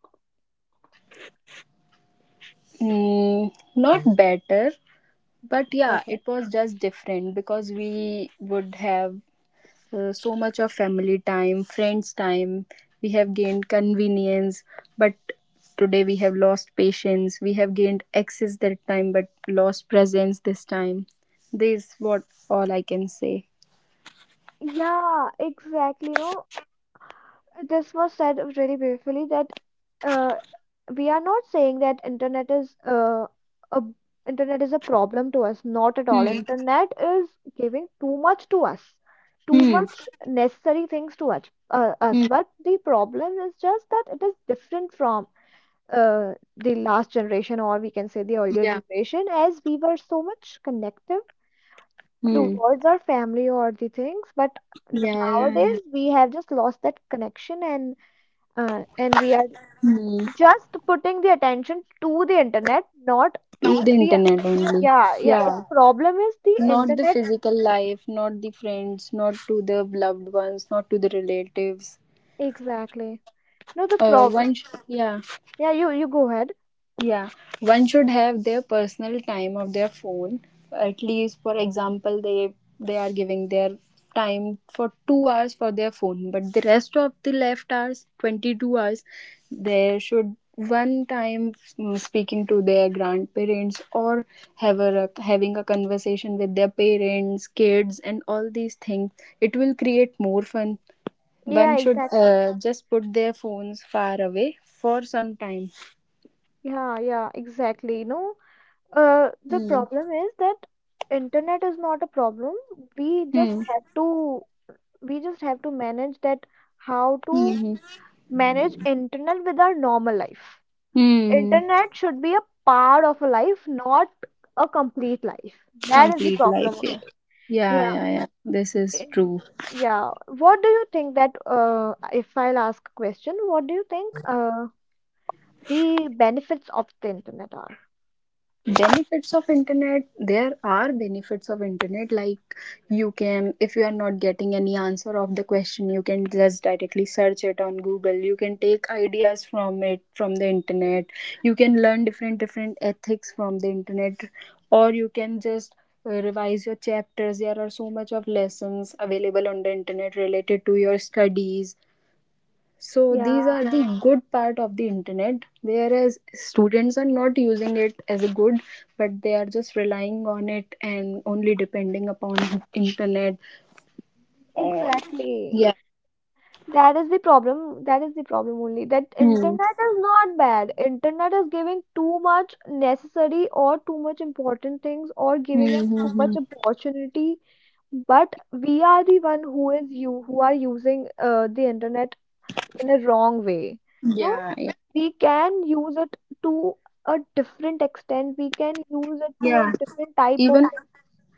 [SPEAKER 2] Mm, not better, but yeah,
[SPEAKER 1] Okay.
[SPEAKER 2] it was just different because we would have so much of family time, friends time. We have gained convenience, but today we have lost patience. We have gained access that time, but lost presence this time. This is what all I can say.
[SPEAKER 1] Yeah, exactly. No, this was said really beautifully that, uh, we are not saying that internet is, a internet is a problem to us. Not at all.
[SPEAKER 2] Hmm.
[SPEAKER 1] Internet is giving too much to us, too
[SPEAKER 2] Hmm.
[SPEAKER 1] much necessary things to us.
[SPEAKER 2] Hmm.
[SPEAKER 1] But the problem is just that it is different from, the last generation, or we can say the
[SPEAKER 2] Yeah.
[SPEAKER 1] earlier generation, as we were so much connective
[SPEAKER 2] Hmm.
[SPEAKER 1] towards our family or the things, but
[SPEAKER 2] Yeah. Yeah. Yeah.
[SPEAKER 1] nowadays we have just lost that connection, and, and we are
[SPEAKER 2] Hmm.
[SPEAKER 1] just putting the attention to the internet, not
[SPEAKER 2] Through the
[SPEAKER 1] we
[SPEAKER 2] internet only.
[SPEAKER 1] yeah. Yeah, it,
[SPEAKER 2] Yeah.
[SPEAKER 1] the problem is the
[SPEAKER 2] Not the
[SPEAKER 1] internet,
[SPEAKER 2] physical life, not the friends, not to the loved ones, not to the relatives.
[SPEAKER 1] exactly. No, the problem,
[SPEAKER 2] Yeah.
[SPEAKER 1] yeah. You go ahead.
[SPEAKER 2] Yeah, one should have their personal time of their phone. At least, for example, they are giving their time for 2 hours for their phone, but the rest of the left hours, 22 hours, they should one time speaking to their grandparents or have a having a conversation with their parents, kids, and all these things. It will create more fun. One
[SPEAKER 1] Yeah,
[SPEAKER 2] should
[SPEAKER 1] exactly,
[SPEAKER 2] just put their phones far away for some time.
[SPEAKER 1] yeah, yeah, exactly. No, the
[SPEAKER 2] Hmm.
[SPEAKER 1] problem is that internet is not a problem. We
[SPEAKER 2] Hmm.
[SPEAKER 1] just have to, we just have to manage that how to
[SPEAKER 2] Hmm.
[SPEAKER 1] manage internet with our normal life.
[SPEAKER 2] Hmm.
[SPEAKER 1] Internet should be a part of a life, not a complete life. That is the
[SPEAKER 2] Complete
[SPEAKER 1] problem
[SPEAKER 2] life, yeah.
[SPEAKER 1] only.
[SPEAKER 2] Yeah,
[SPEAKER 1] Yeah.
[SPEAKER 2] yeah, yeah. This is
[SPEAKER 1] in-
[SPEAKER 2] true.
[SPEAKER 1] Yeah. What do you think that, if I'll ask a question, what do you think, the benefits of the internet are?
[SPEAKER 2] Benefits of internet. There are benefits of internet. Like you can, if you are not getting any answer of the question, you can just directly search it on Google. You can take ideas from it from the internet. You can learn different different ethics from the internet, or you can just revise your chapters. There are so much of lessons available on the internet related to your studies. So
[SPEAKER 1] Yeah,
[SPEAKER 2] these are the good part of the internet, whereas students are not using it as a good, but they are just relying on it and only depending upon internet. Or
[SPEAKER 1] exactly.
[SPEAKER 2] yeah.
[SPEAKER 1] That is the problem. That is the problem only. That
[SPEAKER 2] Hmm.
[SPEAKER 1] internet is not bad. Internet is giving too much necessary or too much important things, or giving
[SPEAKER 2] Hmm,
[SPEAKER 1] us
[SPEAKER 2] hmm,
[SPEAKER 1] too
[SPEAKER 2] hmm.
[SPEAKER 1] much opportunity. But we are the one who is, you who are using, the internet in a wrong way. No,
[SPEAKER 2] Yeah, yeah,
[SPEAKER 1] we can use it to a different extent. We can use it to a
[SPEAKER 2] yeah.
[SPEAKER 1] different type of
[SPEAKER 2] Even
[SPEAKER 1] thing.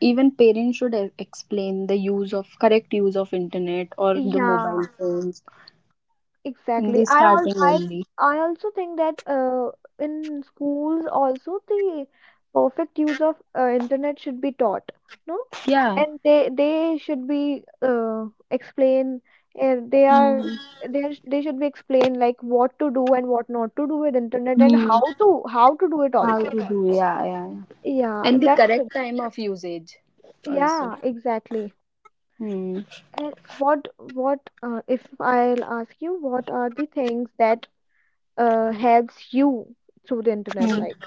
[SPEAKER 2] even parents should explain the use of correct use of internet or the
[SPEAKER 1] Yeah.
[SPEAKER 2] mobile phones in
[SPEAKER 1] Exactly.
[SPEAKER 2] the starting
[SPEAKER 1] I
[SPEAKER 2] only.
[SPEAKER 1] I also think that, in schools also the perfect use of, internet should be taught, no?
[SPEAKER 2] Yeah.
[SPEAKER 1] And they should be, explain, uh, they are
[SPEAKER 2] Hmm.
[SPEAKER 1] they should be explained like what to do and what not to do with internet, and
[SPEAKER 2] Hmm.
[SPEAKER 1] how to, how to do it
[SPEAKER 2] How
[SPEAKER 1] also.
[SPEAKER 2] to do? Yeah, yeah.
[SPEAKER 1] Yeah,
[SPEAKER 2] And the
[SPEAKER 1] that should,
[SPEAKER 2] correct time of usage also.
[SPEAKER 1] yeah, exactly.
[SPEAKER 2] Hmm.
[SPEAKER 1] And what if I'll ask you what are the things that, helps you through the internet,
[SPEAKER 2] Hmm.
[SPEAKER 1] like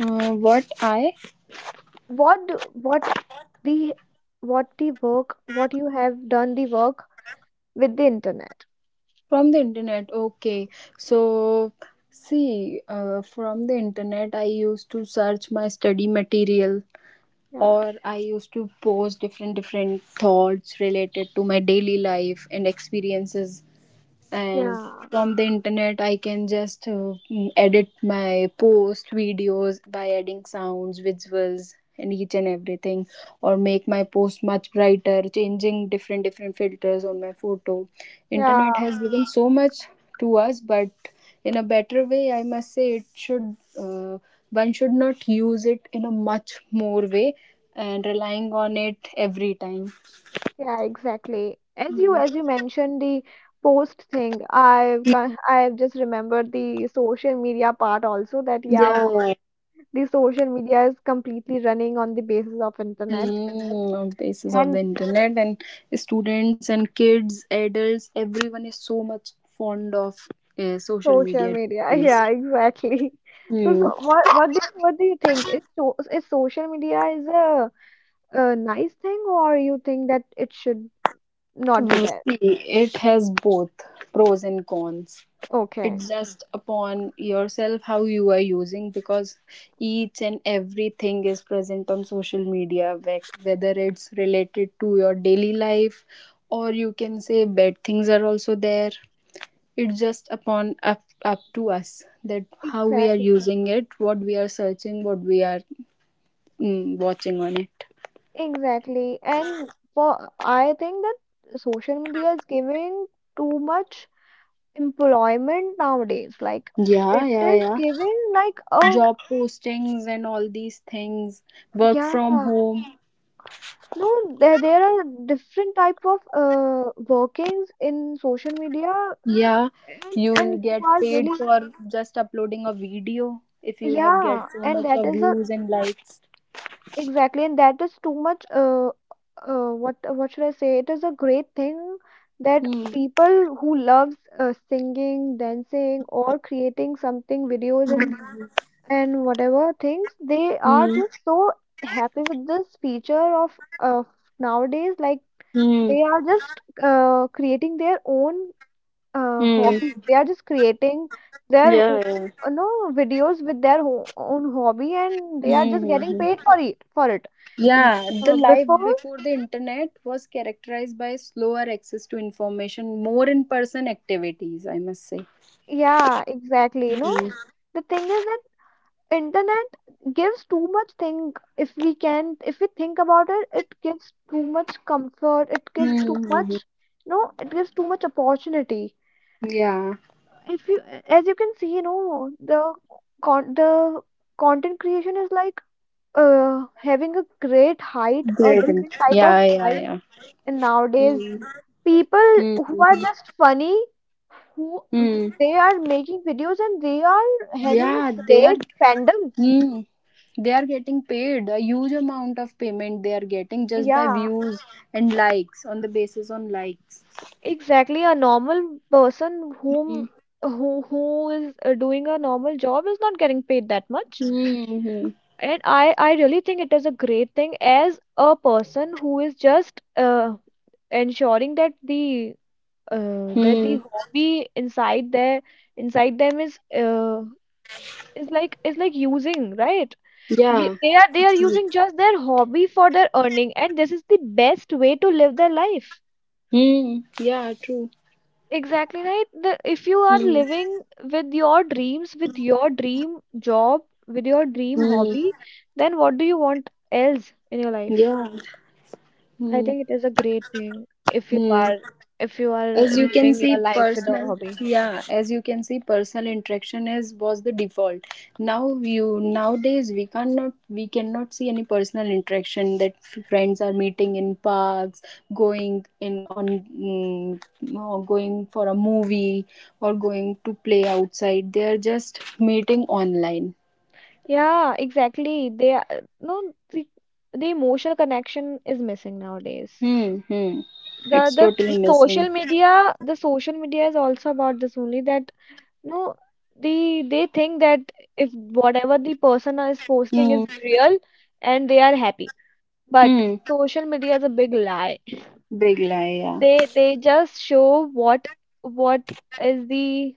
[SPEAKER 2] What I
[SPEAKER 1] what do- what the what the work, what you have done, the work with the internet.
[SPEAKER 2] From the internet, okay. So see, from the internet I used to search my study material,
[SPEAKER 1] Yeah,
[SPEAKER 2] or I used to post different different thoughts related to my daily life and experiences. And
[SPEAKER 1] yeah,
[SPEAKER 2] from the internet I can just edit my post videos by adding sounds, visuals, and each and everything, or make my post much brighter changing different different filters on my photo.
[SPEAKER 1] yeah,
[SPEAKER 2] Internet has given so much to us, but in a better way I must say it should one should not use it in a much more way and relying on it every time.
[SPEAKER 1] yeah, exactly. As you, as
[SPEAKER 2] Mm.
[SPEAKER 1] you mentioned the post thing, I've just remembered the social media part also. That, yeah, of
[SPEAKER 2] Yeah.
[SPEAKER 1] course, the social media is completely running on the basis of internet.
[SPEAKER 2] Basis of the
[SPEAKER 1] And
[SPEAKER 2] internet. And students and kids, adults, everyone is so much fond of social
[SPEAKER 1] social
[SPEAKER 2] media
[SPEAKER 1] media,
[SPEAKER 2] these
[SPEAKER 1] yeah,
[SPEAKER 2] days.
[SPEAKER 1] exactly. So,
[SPEAKER 2] Hmm.
[SPEAKER 1] so what do you think? Is social media is a nice thing, or you think that it should not be there?
[SPEAKER 2] See, it has both pros and cons.
[SPEAKER 1] Okay,
[SPEAKER 2] It's just upon yourself how you are using, because each and everything is present on social media, whether it's related to your daily life or you can say bad things are also there. It's just up to us that how we are
[SPEAKER 1] exactly,
[SPEAKER 2] using it, what we are searching, what we are watching on it.
[SPEAKER 1] exactly. And for, I think that social media is giving too much employment nowadays. Like,
[SPEAKER 2] Yeah,
[SPEAKER 1] it
[SPEAKER 2] yeah,
[SPEAKER 1] is
[SPEAKER 2] yeah.
[SPEAKER 1] giving like, oh,
[SPEAKER 2] Job postings and all these things. Work from
[SPEAKER 1] yeah.
[SPEAKER 2] home.
[SPEAKER 1] No, there are different type of, workings in social media.
[SPEAKER 2] Yeah,
[SPEAKER 1] And
[SPEAKER 2] you
[SPEAKER 1] you
[SPEAKER 2] get
[SPEAKER 1] are
[SPEAKER 2] paid
[SPEAKER 1] really,
[SPEAKER 2] for just uploading a video if you have get
[SPEAKER 1] yeah,
[SPEAKER 2] so
[SPEAKER 1] and
[SPEAKER 2] much
[SPEAKER 1] that
[SPEAKER 2] of
[SPEAKER 1] is a,
[SPEAKER 2] views and likes.
[SPEAKER 1] exactly, and that is too much, what should I say? It is a great thing that
[SPEAKER 2] Hmm.
[SPEAKER 1] people who loves, singing, dancing or creating something videos and whatever things, they are
[SPEAKER 2] Hmm.
[SPEAKER 1] just so happy with this feature of, nowadays. Like,
[SPEAKER 2] Hmm.
[SPEAKER 1] they are just, creating their own,
[SPEAKER 2] Hmm.
[SPEAKER 1] hobby. They are just creating their
[SPEAKER 2] Yeah,
[SPEAKER 1] o-
[SPEAKER 2] yeah.
[SPEAKER 1] no videos with their ho own hobby, and they are
[SPEAKER 2] Hmm.
[SPEAKER 1] just
[SPEAKER 2] Hmm,
[SPEAKER 1] getting paid
[SPEAKER 2] hmm.
[SPEAKER 1] for it, Mm,
[SPEAKER 2] Yeah, the
[SPEAKER 1] Uh,
[SPEAKER 2] life
[SPEAKER 1] before,
[SPEAKER 2] before the internet was characterized by slower access to information, more in person activities, I must say.
[SPEAKER 1] yeah, exactly. You know,
[SPEAKER 2] Hmm.
[SPEAKER 1] the thing is that internet gives too much thing. If we can, if we think about it, it gives too much comfort. It gives too
[SPEAKER 2] Hmm.
[SPEAKER 1] much. No, it gives too much opportunity.
[SPEAKER 2] Yeah,
[SPEAKER 1] If you, as you can see, you know, the the content creation is like, having a great height, a different type of
[SPEAKER 2] Yeah, yeah,
[SPEAKER 1] height.
[SPEAKER 2] yeah.
[SPEAKER 1] And nowadays,
[SPEAKER 2] Hmm. Hmm.
[SPEAKER 1] people who are just funny, who,
[SPEAKER 2] Hmm.
[SPEAKER 1] they are making videos and they are having
[SPEAKER 2] Yeah,
[SPEAKER 1] a
[SPEAKER 2] they are.
[SPEAKER 1] great fandom.
[SPEAKER 2] Hmm. They are getting paid a huge amount of payment. They are getting just by
[SPEAKER 1] Yeah,
[SPEAKER 2] views and likes, on the basis on likes.
[SPEAKER 1] exactly. A normal person
[SPEAKER 2] Hmm.
[SPEAKER 1] who is doing a normal job is not getting paid that much.
[SPEAKER 2] Hmm. Hmm.
[SPEAKER 1] And I really think it is a great thing as a person who is just ensuring that the uh, that
[SPEAKER 2] Hmm.
[SPEAKER 1] the hobby inside them is is like using right. Ye-
[SPEAKER 2] Yeah.
[SPEAKER 1] they are they are using just their hobby for their earning, and this is the best way to live their life
[SPEAKER 2] Hmm. Yeah. True.
[SPEAKER 1] exactly right. The, if you are
[SPEAKER 2] Hmm.
[SPEAKER 1] living with your dreams, with your dream job, with your dream
[SPEAKER 2] Hmm.
[SPEAKER 1] hobby, then what do you want else in your life?
[SPEAKER 2] Yeah.
[SPEAKER 1] I
[SPEAKER 2] Hmm.
[SPEAKER 1] think it is a great thing if
[SPEAKER 2] Hmm.
[SPEAKER 1] you
[SPEAKER 2] As
[SPEAKER 1] are
[SPEAKER 2] you can
[SPEAKER 1] living
[SPEAKER 2] see,
[SPEAKER 1] your life with a
[SPEAKER 2] personal
[SPEAKER 1] hobby.
[SPEAKER 2] Yeah, as you can see, personal interaction is was the default. Nowadays we cannot see any personal interaction, that friends are meeting in parks, going in on mm, or going for a movie, or going to play outside. They are just meeting online.
[SPEAKER 1] Yeah, exactly. They are, no, the emotional connection is missing nowadays.
[SPEAKER 2] Hmm. Hmm. It's totally missing.
[SPEAKER 1] The social media is also about this only. That no, they think that if whatever the person is posting
[SPEAKER 2] Hmm.
[SPEAKER 1] is real and they are happy. But
[SPEAKER 2] Hmm.
[SPEAKER 1] social media is a big lie.
[SPEAKER 2] Big lie. Yeah.
[SPEAKER 1] They just show what is the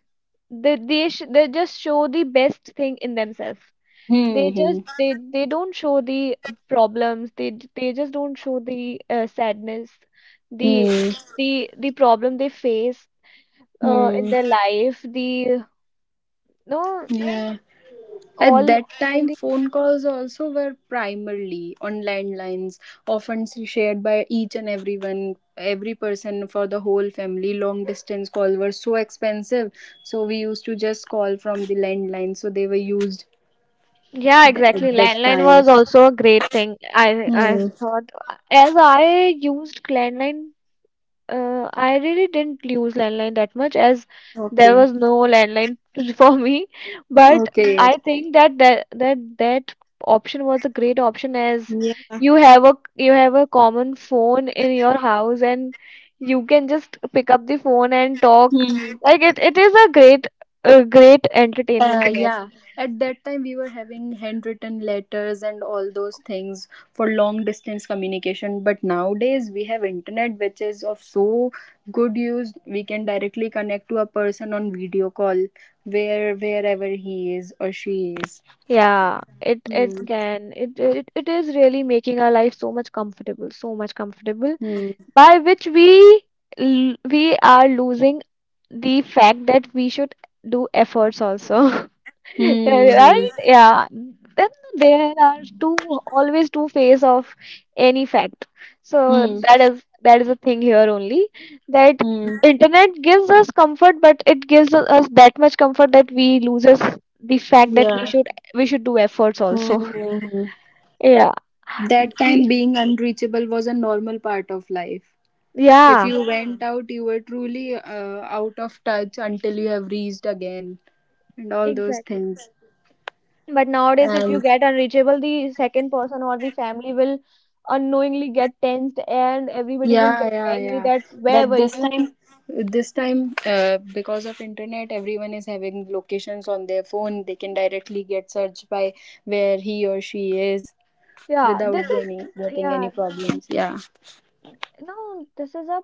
[SPEAKER 1] they, sh they just show the best thing in themselves.
[SPEAKER 2] Hmm.
[SPEAKER 1] they
[SPEAKER 2] Hmm.
[SPEAKER 1] just they they don't show the problems. They just don't show the sadness, the
[SPEAKER 2] Hmm.
[SPEAKER 1] the problem they face in
[SPEAKER 2] Hmm.
[SPEAKER 1] their life, the no
[SPEAKER 2] Yeah. At
[SPEAKER 1] all
[SPEAKER 2] that
[SPEAKER 1] all
[SPEAKER 2] time,
[SPEAKER 1] the
[SPEAKER 2] phone calls also were primarily on landlines, often shared by each and everyone, every person for the whole family. Long distance calls were so expensive, so we used to just call from the landline. So they were used
[SPEAKER 1] yeah
[SPEAKER 2] at
[SPEAKER 1] exactly.
[SPEAKER 2] that
[SPEAKER 1] Landline
[SPEAKER 2] time.
[SPEAKER 1] was also a great thing. I i
[SPEAKER 2] Hmm.
[SPEAKER 1] thought, as I used landline. I really didn't use landline that much, as there
[SPEAKER 2] Okay.
[SPEAKER 1] was no landline for me. But
[SPEAKER 2] Okay.
[SPEAKER 1] I think that that option was a great option, as you have a common phone in your house, and you can just pick up the phone and talk.
[SPEAKER 2] Hmm.
[SPEAKER 1] Like, it is a great entertainment thing, I think.
[SPEAKER 2] Yeah, at that time we were having handwritten letters and all those things for long distance communication. But nowadays we have internet, which is of so good use. We can directly connect to a person on video call, where wherever he is or she is.
[SPEAKER 1] Yeah, it
[SPEAKER 2] Hmm.
[SPEAKER 1] can it it, it is really making our life so much comfortable, so much comfortable.
[SPEAKER 2] Hmm.
[SPEAKER 1] By which we are losing the fact that we should do efforts also.
[SPEAKER 2] Hmm. Hmm.
[SPEAKER 1] Right, yeah, then there are two always two face of any fact. So
[SPEAKER 2] Hmm.
[SPEAKER 1] that is the thing here only. That
[SPEAKER 2] Hmm.
[SPEAKER 1] internet gives us comfort, but it gives us that much comfort that we loses the fact that
[SPEAKER 2] Yeah.
[SPEAKER 1] we should do efforts
[SPEAKER 2] Hmm.
[SPEAKER 1] also.
[SPEAKER 2] Hmm, hmm.
[SPEAKER 1] Yeah.
[SPEAKER 2] That time
[SPEAKER 1] The-
[SPEAKER 2] being unreachable was a normal part of life. If
[SPEAKER 1] yeah,
[SPEAKER 2] you went out, you were truly out of touch until you have reached again, and all those
[SPEAKER 1] exactly.
[SPEAKER 2] things.
[SPEAKER 1] But nowadays, if you
[SPEAKER 2] And
[SPEAKER 1] get unreachable, the second person or the family will unknowingly get tensed, and everybody will
[SPEAKER 2] yeah,
[SPEAKER 1] get
[SPEAKER 2] yeah,
[SPEAKER 1] angry
[SPEAKER 2] yeah.
[SPEAKER 1] that where
[SPEAKER 2] But
[SPEAKER 1] were
[SPEAKER 2] this
[SPEAKER 1] you?
[SPEAKER 2] time, this time, because of internet, everyone is having locations on their phone. They can directly get searched by where he or she is,
[SPEAKER 1] Yeah,
[SPEAKER 2] without
[SPEAKER 1] this is,
[SPEAKER 2] any getting
[SPEAKER 1] yeah,
[SPEAKER 2] any problems. Yeah.
[SPEAKER 1] no, this is a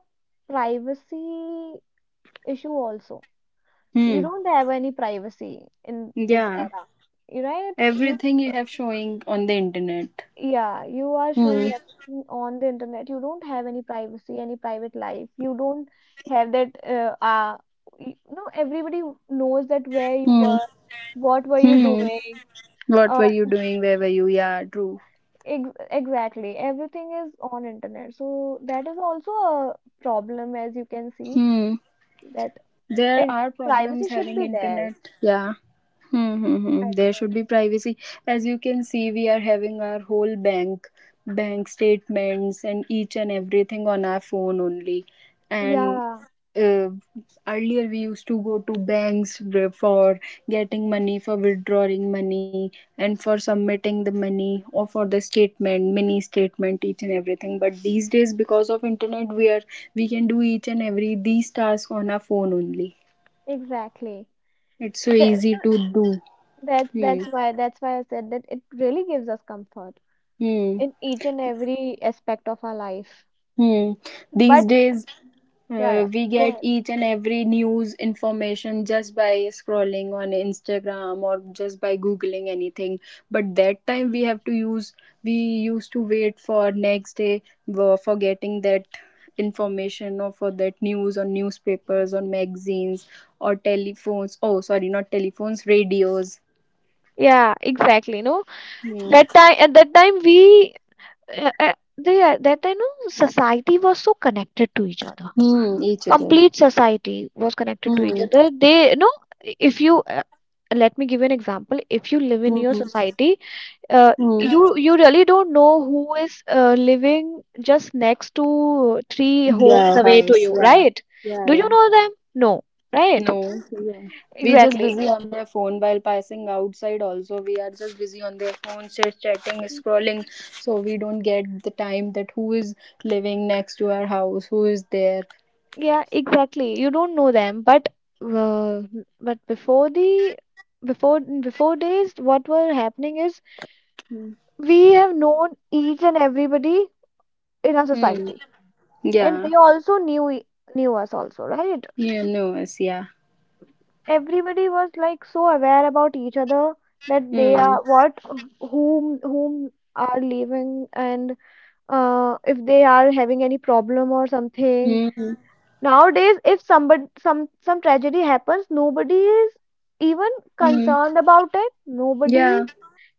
[SPEAKER 1] privacy issue also. You
[SPEAKER 2] Hmm.
[SPEAKER 1] don't have any privacy in this
[SPEAKER 2] Yeah.
[SPEAKER 1] era. You right? You
[SPEAKER 2] Everything you have showing on the internet.
[SPEAKER 1] Yeah, you are showing
[SPEAKER 2] Hmm.
[SPEAKER 1] everything on the internet. You don't have any privacy, any private life. You don't have that. You know, everybody knows that where you
[SPEAKER 2] Hmm.
[SPEAKER 1] were, what were you
[SPEAKER 2] Hmm.
[SPEAKER 1] doing.
[SPEAKER 2] What
[SPEAKER 1] Uh,
[SPEAKER 2] were you doing? Where were you? Yeah, true.
[SPEAKER 1] ex Exactly. Everything is on internet. So that is also a problem, as you can see.
[SPEAKER 2] Hmm.
[SPEAKER 1] That
[SPEAKER 2] There
[SPEAKER 1] and
[SPEAKER 2] are
[SPEAKER 1] privacy
[SPEAKER 2] problems
[SPEAKER 1] should
[SPEAKER 2] having
[SPEAKER 1] be there,
[SPEAKER 2] internet. Yeah. Hmm, hmm,
[SPEAKER 1] I
[SPEAKER 2] hmm. There
[SPEAKER 1] think.
[SPEAKER 2] should be privacy. As you can see, we are having our whole bank statements, and each and everything on our phone only. And
[SPEAKER 1] Yeah,
[SPEAKER 2] uh, earlier we used to go to banks for getting money, for withdrawing money, and for submitting the money, or for the statement mini statement, each and everything. But these days, because of internet, we can do each and every these tasks on our phone only.
[SPEAKER 1] exactly.
[SPEAKER 2] It's so
[SPEAKER 1] That,
[SPEAKER 2] easy to do.
[SPEAKER 1] that
[SPEAKER 2] Hmm.
[SPEAKER 1] that's why I said that it really gives us comfort
[SPEAKER 2] Hmm.
[SPEAKER 1] in each and every aspect of our life.
[SPEAKER 2] Hmm. These
[SPEAKER 1] But
[SPEAKER 2] days,
[SPEAKER 1] yeah, yeah,
[SPEAKER 2] We
[SPEAKER 1] go
[SPEAKER 2] get
[SPEAKER 1] ahead.
[SPEAKER 2] each and every news information just by scrolling on Instagram or just by googling anything. But that time we used to wait for next day for getting that information, or for that news on newspapers or magazines or telephones. Oh, sorry, not telephones, radios.
[SPEAKER 1] Yeah, exactly. No,
[SPEAKER 2] Hmm.
[SPEAKER 1] that time at that time we the that time, no, society was so connected to each other.
[SPEAKER 2] Hmm, each other.
[SPEAKER 1] Complete society was connected to each
[SPEAKER 2] Hmm.
[SPEAKER 1] other. They no, if you let me give you an example. If you live in your
[SPEAKER 2] Hmm.
[SPEAKER 1] society, uh,
[SPEAKER 2] Hmm.
[SPEAKER 1] you you really don't know who is living just next to three homes
[SPEAKER 2] Yeah,
[SPEAKER 1] away to
[SPEAKER 2] house.
[SPEAKER 1] you,
[SPEAKER 2] Yeah.
[SPEAKER 1] right?
[SPEAKER 2] Yeah,
[SPEAKER 1] Do you
[SPEAKER 2] yeah.
[SPEAKER 1] know them? No, right?
[SPEAKER 2] No, carry on. We just
[SPEAKER 1] Exactly.
[SPEAKER 2] busy on their phone while passing outside. Also, we are just busy on their phones, just chatting, scrolling. So we don't get the time that who is living next to our house, who is there.
[SPEAKER 1] Yeah, exactly. You don't know them, but uh, but before the before before days, what were happening is we have known each and everybody in our
[SPEAKER 2] Hmm.
[SPEAKER 1] society, and
[SPEAKER 2] Yeah.
[SPEAKER 1] they also knew us also, right?
[SPEAKER 2] You know us. Yeah.
[SPEAKER 1] Everybody was like so aware about each other, that they
[SPEAKER 2] Hmm.
[SPEAKER 1] are what whom are leaving, and if they are having any problem or something.
[SPEAKER 2] Hmm. Hmm.
[SPEAKER 1] Nowadays, if somebody some tragedy happens, nobody is even
[SPEAKER 2] Hmm.
[SPEAKER 1] concerned about it. Nobody
[SPEAKER 2] Yeah.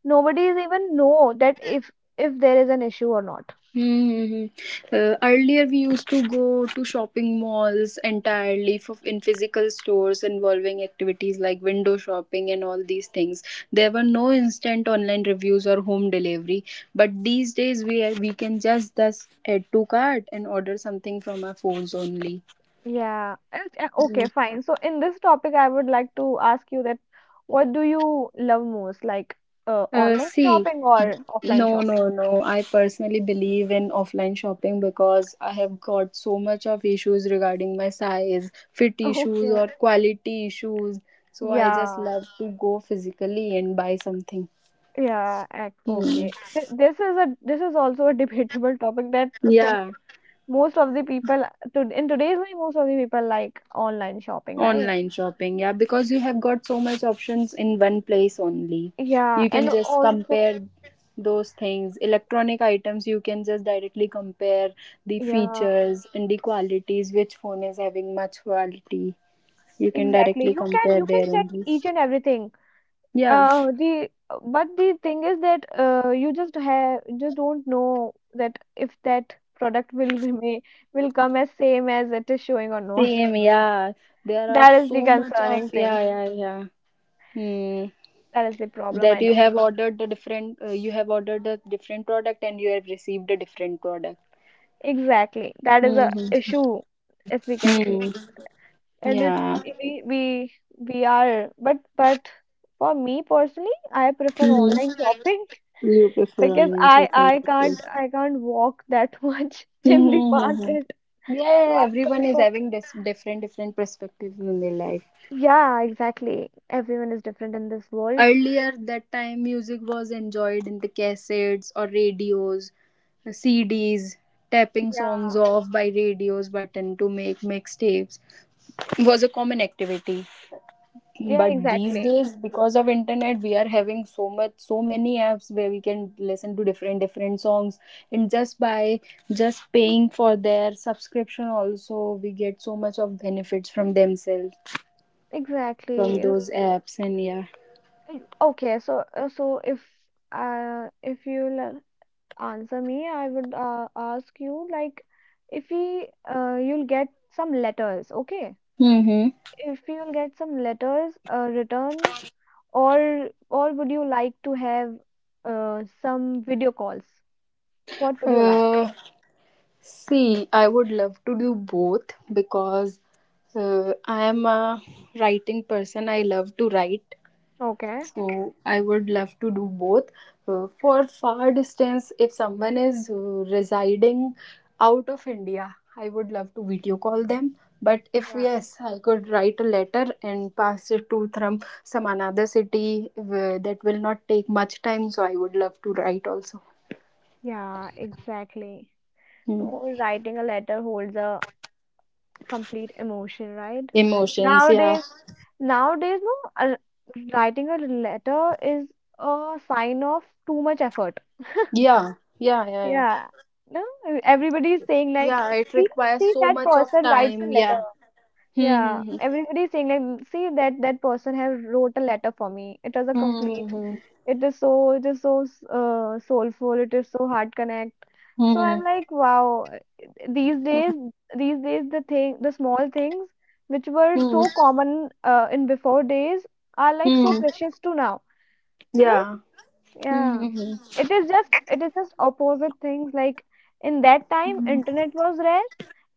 [SPEAKER 1] nobody is even know that if there is an issue or not.
[SPEAKER 2] Mm-hmm. Earlier, we used to go to shopping malls entirely for, in physical stores involving activities like window shopping and all these things. There were no instant online reviews or home delivery, but these days we can just thus add to cart and order something from our phones only.
[SPEAKER 1] Yeah. Okay, fine. So in this topic, I would like to ask you that what do you love most, like online
[SPEAKER 2] See.
[SPEAKER 1] shopping or offline
[SPEAKER 2] No,
[SPEAKER 1] shopping?
[SPEAKER 2] no, no. I personally believe in offline shopping because I have got so much of issues regarding my size, fit issues,
[SPEAKER 1] Okay.
[SPEAKER 2] or quality issues. So I just
[SPEAKER 1] Yeah.
[SPEAKER 2] love to go physically and buy something. Hmm.
[SPEAKER 1] Okay. This is a this is also a debatable topic that some
[SPEAKER 2] Yeah,
[SPEAKER 1] most of the people in today's life most of the people like online shopping, right?
[SPEAKER 2] online shopping. Yeah, because you have got so much options in one place only.
[SPEAKER 1] Yeah,
[SPEAKER 2] You can
[SPEAKER 1] and
[SPEAKER 2] just
[SPEAKER 1] also
[SPEAKER 2] compare those things. Electronic items, you can just directly compare the
[SPEAKER 1] yeah,
[SPEAKER 2] features and the qualities, which phone is having much quality. You can
[SPEAKER 1] exactly.
[SPEAKER 2] directly
[SPEAKER 1] You can
[SPEAKER 2] compare
[SPEAKER 1] you can
[SPEAKER 2] there
[SPEAKER 1] check
[SPEAKER 2] only.
[SPEAKER 1] each and everything.
[SPEAKER 2] Yeah,
[SPEAKER 1] The But the thing is that you just don't know that if that product will remain will come as same as it is showing or not.
[SPEAKER 2] same, yeah, there are
[SPEAKER 1] That is
[SPEAKER 2] so
[SPEAKER 1] the
[SPEAKER 2] much of,
[SPEAKER 1] concerning thing,
[SPEAKER 2] yeah, yeah, yeah. Hmm.
[SPEAKER 1] that is the problem, I
[SPEAKER 2] That
[SPEAKER 1] know.
[SPEAKER 2] you have ordered the different product and you have received a different product.
[SPEAKER 1] Exactly, that is a
[SPEAKER 2] Mm-hmm.
[SPEAKER 1] issue, as we can
[SPEAKER 2] Hmm,
[SPEAKER 1] see.
[SPEAKER 2] hmm.
[SPEAKER 1] And if
[SPEAKER 2] Yeah.
[SPEAKER 1] we we we are, but for me personally I prefer
[SPEAKER 2] Hmm.
[SPEAKER 1] online shopping,
[SPEAKER 2] You prefer
[SPEAKER 1] because
[SPEAKER 2] online
[SPEAKER 1] I
[SPEAKER 2] shopping,
[SPEAKER 1] I
[SPEAKER 2] okay.
[SPEAKER 1] can't I can't walk that much
[SPEAKER 2] Hmm,
[SPEAKER 1] in the
[SPEAKER 2] hmm, hmm, hmm.
[SPEAKER 1] market, so
[SPEAKER 2] Yeah,
[SPEAKER 1] I
[SPEAKER 2] everyone is
[SPEAKER 1] prefer.
[SPEAKER 2] having this different different perspectives in their life.
[SPEAKER 1] Yeah, exactly, everyone is different in this world.
[SPEAKER 2] Earlier that time music was enjoyed in the cassettes or radios, CDs, tapping songs
[SPEAKER 1] Yeah,
[SPEAKER 2] off by radios button to make mixtapes was a common activity.
[SPEAKER 1] yeah,
[SPEAKER 2] But these
[SPEAKER 1] exactly,
[SPEAKER 2] days, because of internet, we are having so many apps where we can listen to different different songs, and just by just paying for their subscription also, we get so much of benefits from themselves,
[SPEAKER 1] exactly.
[SPEAKER 2] from
[SPEAKER 1] You know,
[SPEAKER 2] those apps, and yeah.
[SPEAKER 1] okay, so if you'll answer me, I would ask you, like, if we you'll get some letters, okay?
[SPEAKER 2] Mm-hmm.
[SPEAKER 1] If you'll get some letters return, or would you like to have some video calls? What would you like?
[SPEAKER 2] uh, See, I would love to do both because I am a writing person. I love to write.
[SPEAKER 1] Okay.
[SPEAKER 2] So I would love to do both. For far distance, if someone is residing out of India, I would love to video call them. But if
[SPEAKER 1] Yeah.
[SPEAKER 2] yes, I could write a letter and pass it to from some another city where that will not take much time. So I would love to write also.
[SPEAKER 1] Yeah, exactly.
[SPEAKER 2] Hmm.
[SPEAKER 1] So writing a letter holds a complete emotion, right?
[SPEAKER 2] Emotions, yeah,
[SPEAKER 1] Nowadays, nowadays, no, writing a letter is a sign of too much effort.
[SPEAKER 2] yeah, yeah, yeah, yeah.
[SPEAKER 1] Yeah. No, everybody is saying like,
[SPEAKER 2] Yeah, it
[SPEAKER 1] see,
[SPEAKER 2] requires
[SPEAKER 1] see
[SPEAKER 2] so
[SPEAKER 1] that
[SPEAKER 2] much of
[SPEAKER 1] person writes a
[SPEAKER 2] time.
[SPEAKER 1] letter.
[SPEAKER 2] Yeah.
[SPEAKER 1] Yeah,
[SPEAKER 2] Hmm.
[SPEAKER 1] everybody is saying like, see that that person have wrote a letter for me. It was a
[SPEAKER 2] Hmm.
[SPEAKER 1] complete.
[SPEAKER 2] Hmm.
[SPEAKER 1] It is so soulful. It is so heart connect. So
[SPEAKER 2] Hmm.
[SPEAKER 1] I'm like, wow. These days, these days, the small things which were
[SPEAKER 2] Hmm. Hmm.
[SPEAKER 1] so common in before days are like so
[SPEAKER 2] Hmm.
[SPEAKER 1] precious to now. You know?
[SPEAKER 2] Yeah.
[SPEAKER 1] Yeah.
[SPEAKER 2] Hmm. Hmm.
[SPEAKER 1] It is just opposite things. Like, in that time, internet was rare,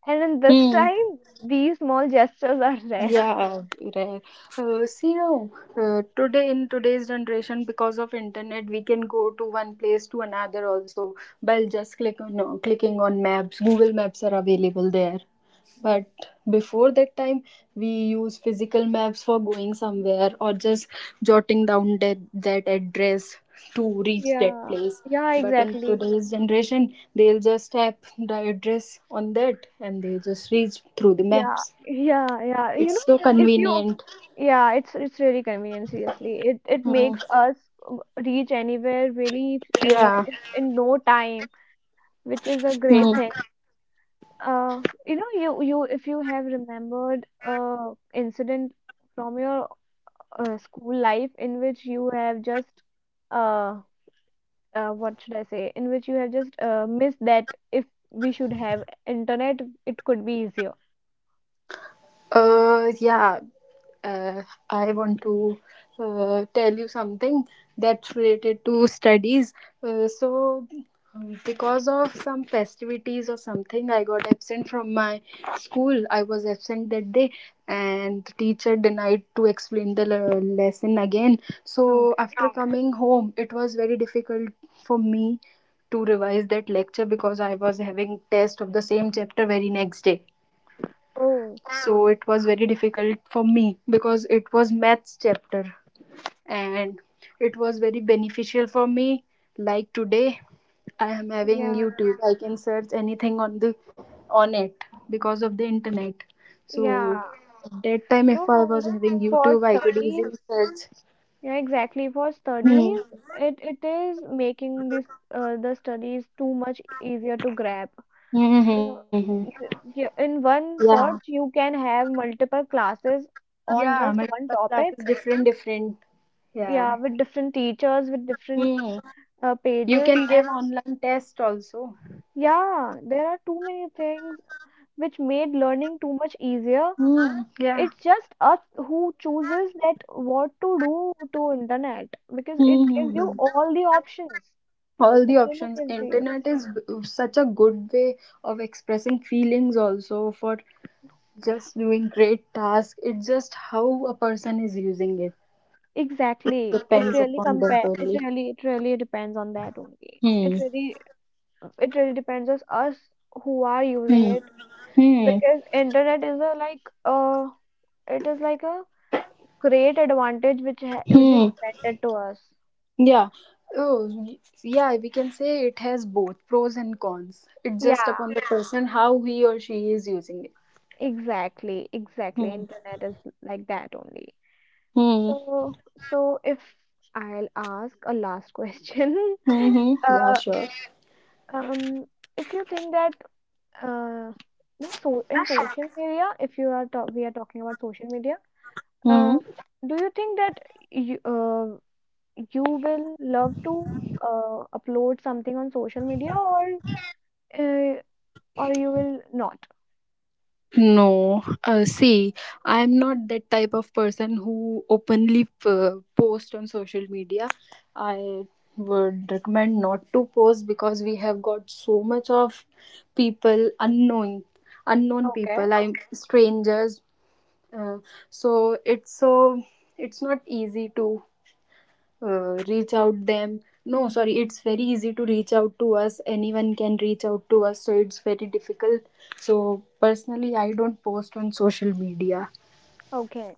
[SPEAKER 1] and in this
[SPEAKER 2] Hmm.
[SPEAKER 1] time, these small gestures are rare.
[SPEAKER 2] Yeah, right. See now, today in today's generation, because of internet we can go to one place to another also by just click on no, clicking on maps. Google maps are available there, but before that time we use physical maps for going somewhere, or just jotting down that address to reach that
[SPEAKER 1] Yeah,
[SPEAKER 2] place.
[SPEAKER 1] yeah,
[SPEAKER 2] But in
[SPEAKER 1] exactly.
[SPEAKER 2] today's generation they'll just tap the address on that and they just reach through the
[SPEAKER 1] Yeah,
[SPEAKER 2] maps.
[SPEAKER 1] yeah, yeah. You know,
[SPEAKER 2] It's so
[SPEAKER 1] if you,
[SPEAKER 2] convenient.
[SPEAKER 1] yeah, it's really convenient, seriously. It it
[SPEAKER 2] Mm.
[SPEAKER 1] makes us w- reach anywhere really
[SPEAKER 2] Yeah.
[SPEAKER 1] in no time, which is a
[SPEAKER 2] Mm.
[SPEAKER 1] great thing. You know, you if you have remembered incident from your school life, in which you have just uh, what should I say? In which you have just missed that if we should have internet, it could be easier.
[SPEAKER 2] Yeah, uh, I want to tell you something that's related to studies. Uh, so, because of some festivities or something, I got absent from my school. I was absent that day, and the teacher denied to explain the lesson again. So,
[SPEAKER 1] Okay.
[SPEAKER 2] after coming home, it was very difficult for me to revise that lecture because I was having test of the same chapter very next day.
[SPEAKER 1] Oh,
[SPEAKER 2] So it was very difficult for me because it was maths chapter, and it was very beneficial for me. Like today I am having
[SPEAKER 1] yeah,
[SPEAKER 2] YouTube, I can search anything on the on it because of the internet. So
[SPEAKER 1] yeah.
[SPEAKER 2] that time
[SPEAKER 1] No,
[SPEAKER 2] if I
[SPEAKER 1] no.
[SPEAKER 2] was having
[SPEAKER 1] For
[SPEAKER 2] YouTube I could
[SPEAKER 1] studies,
[SPEAKER 2] easily search.
[SPEAKER 1] yeah, exactly. For
[SPEAKER 2] Hmm.
[SPEAKER 1] studies, it is making this the studies too much easier to grab. Yeah,
[SPEAKER 2] Mm-hmm.
[SPEAKER 1] yeah. In one
[SPEAKER 2] Yeah.
[SPEAKER 1] search, you can have multiple classes on
[SPEAKER 2] Yeah,
[SPEAKER 1] just one
[SPEAKER 2] multiple classes,
[SPEAKER 1] topic.
[SPEAKER 2] different, different. Yeah.
[SPEAKER 1] Yeah, with different teachers, with different
[SPEAKER 2] Hmm. You
[SPEAKER 1] pages,
[SPEAKER 2] can
[SPEAKER 1] and
[SPEAKER 2] give online test also.
[SPEAKER 1] yeah, there are too many things which made learning too much easier.
[SPEAKER 2] Hmm. Yeah.
[SPEAKER 1] It's just us who chooses that what to do to internet, because
[SPEAKER 2] Hmm.
[SPEAKER 1] it
[SPEAKER 2] Hmm,
[SPEAKER 1] gives you
[SPEAKER 2] hmm.
[SPEAKER 1] all the options.
[SPEAKER 2] All the
[SPEAKER 1] It really
[SPEAKER 2] options.
[SPEAKER 1] gives you.
[SPEAKER 2] Internet is such a good way of expressing feelings also, for just doing great tasks. It's just how a person is using it.
[SPEAKER 1] Exactly, it
[SPEAKER 2] Depends
[SPEAKER 1] really
[SPEAKER 2] upon that
[SPEAKER 1] compare it
[SPEAKER 2] only.
[SPEAKER 1] really it really depends on that only. It
[SPEAKER 2] Hmm.
[SPEAKER 1] really it really depends on us who are using
[SPEAKER 2] Hmm.
[SPEAKER 1] it,
[SPEAKER 2] Hmm.
[SPEAKER 1] because internet is a like it is like a great advantage which which is
[SPEAKER 2] Hmm.
[SPEAKER 1] invented to us.
[SPEAKER 2] Yeah. oh y- yeah, we can say it has both pros and cons. It's just upon
[SPEAKER 1] Yeah,
[SPEAKER 2] the person how he or she is using it.
[SPEAKER 1] exactly, exactly,
[SPEAKER 2] Hmm.
[SPEAKER 1] internet is like that only.
[SPEAKER 2] Hmm.
[SPEAKER 1] So, so if I'll ask a last question,
[SPEAKER 2] Hmm. Hmm. Yeah,
[SPEAKER 1] uh,
[SPEAKER 2] sure.
[SPEAKER 1] um, if you think that uh, no, so in social media, if we are talking about social media,
[SPEAKER 2] Hmm.
[SPEAKER 1] uh, do you think that you uh, you will love to upload something on social media uh, or you will not?
[SPEAKER 2] No, See, I'm not that type of person who openly post on social media. I would recommend not to post, because we have got so much of people unknowing, unknown
[SPEAKER 1] Okay,
[SPEAKER 2] people, I'm strangers. Uh, so it's so, it's not easy to reach out them. No, sorry, it's very easy to reach out to us. Anyone can reach out to us, so it's very difficult. So personally I don't post on social media,
[SPEAKER 1] okay.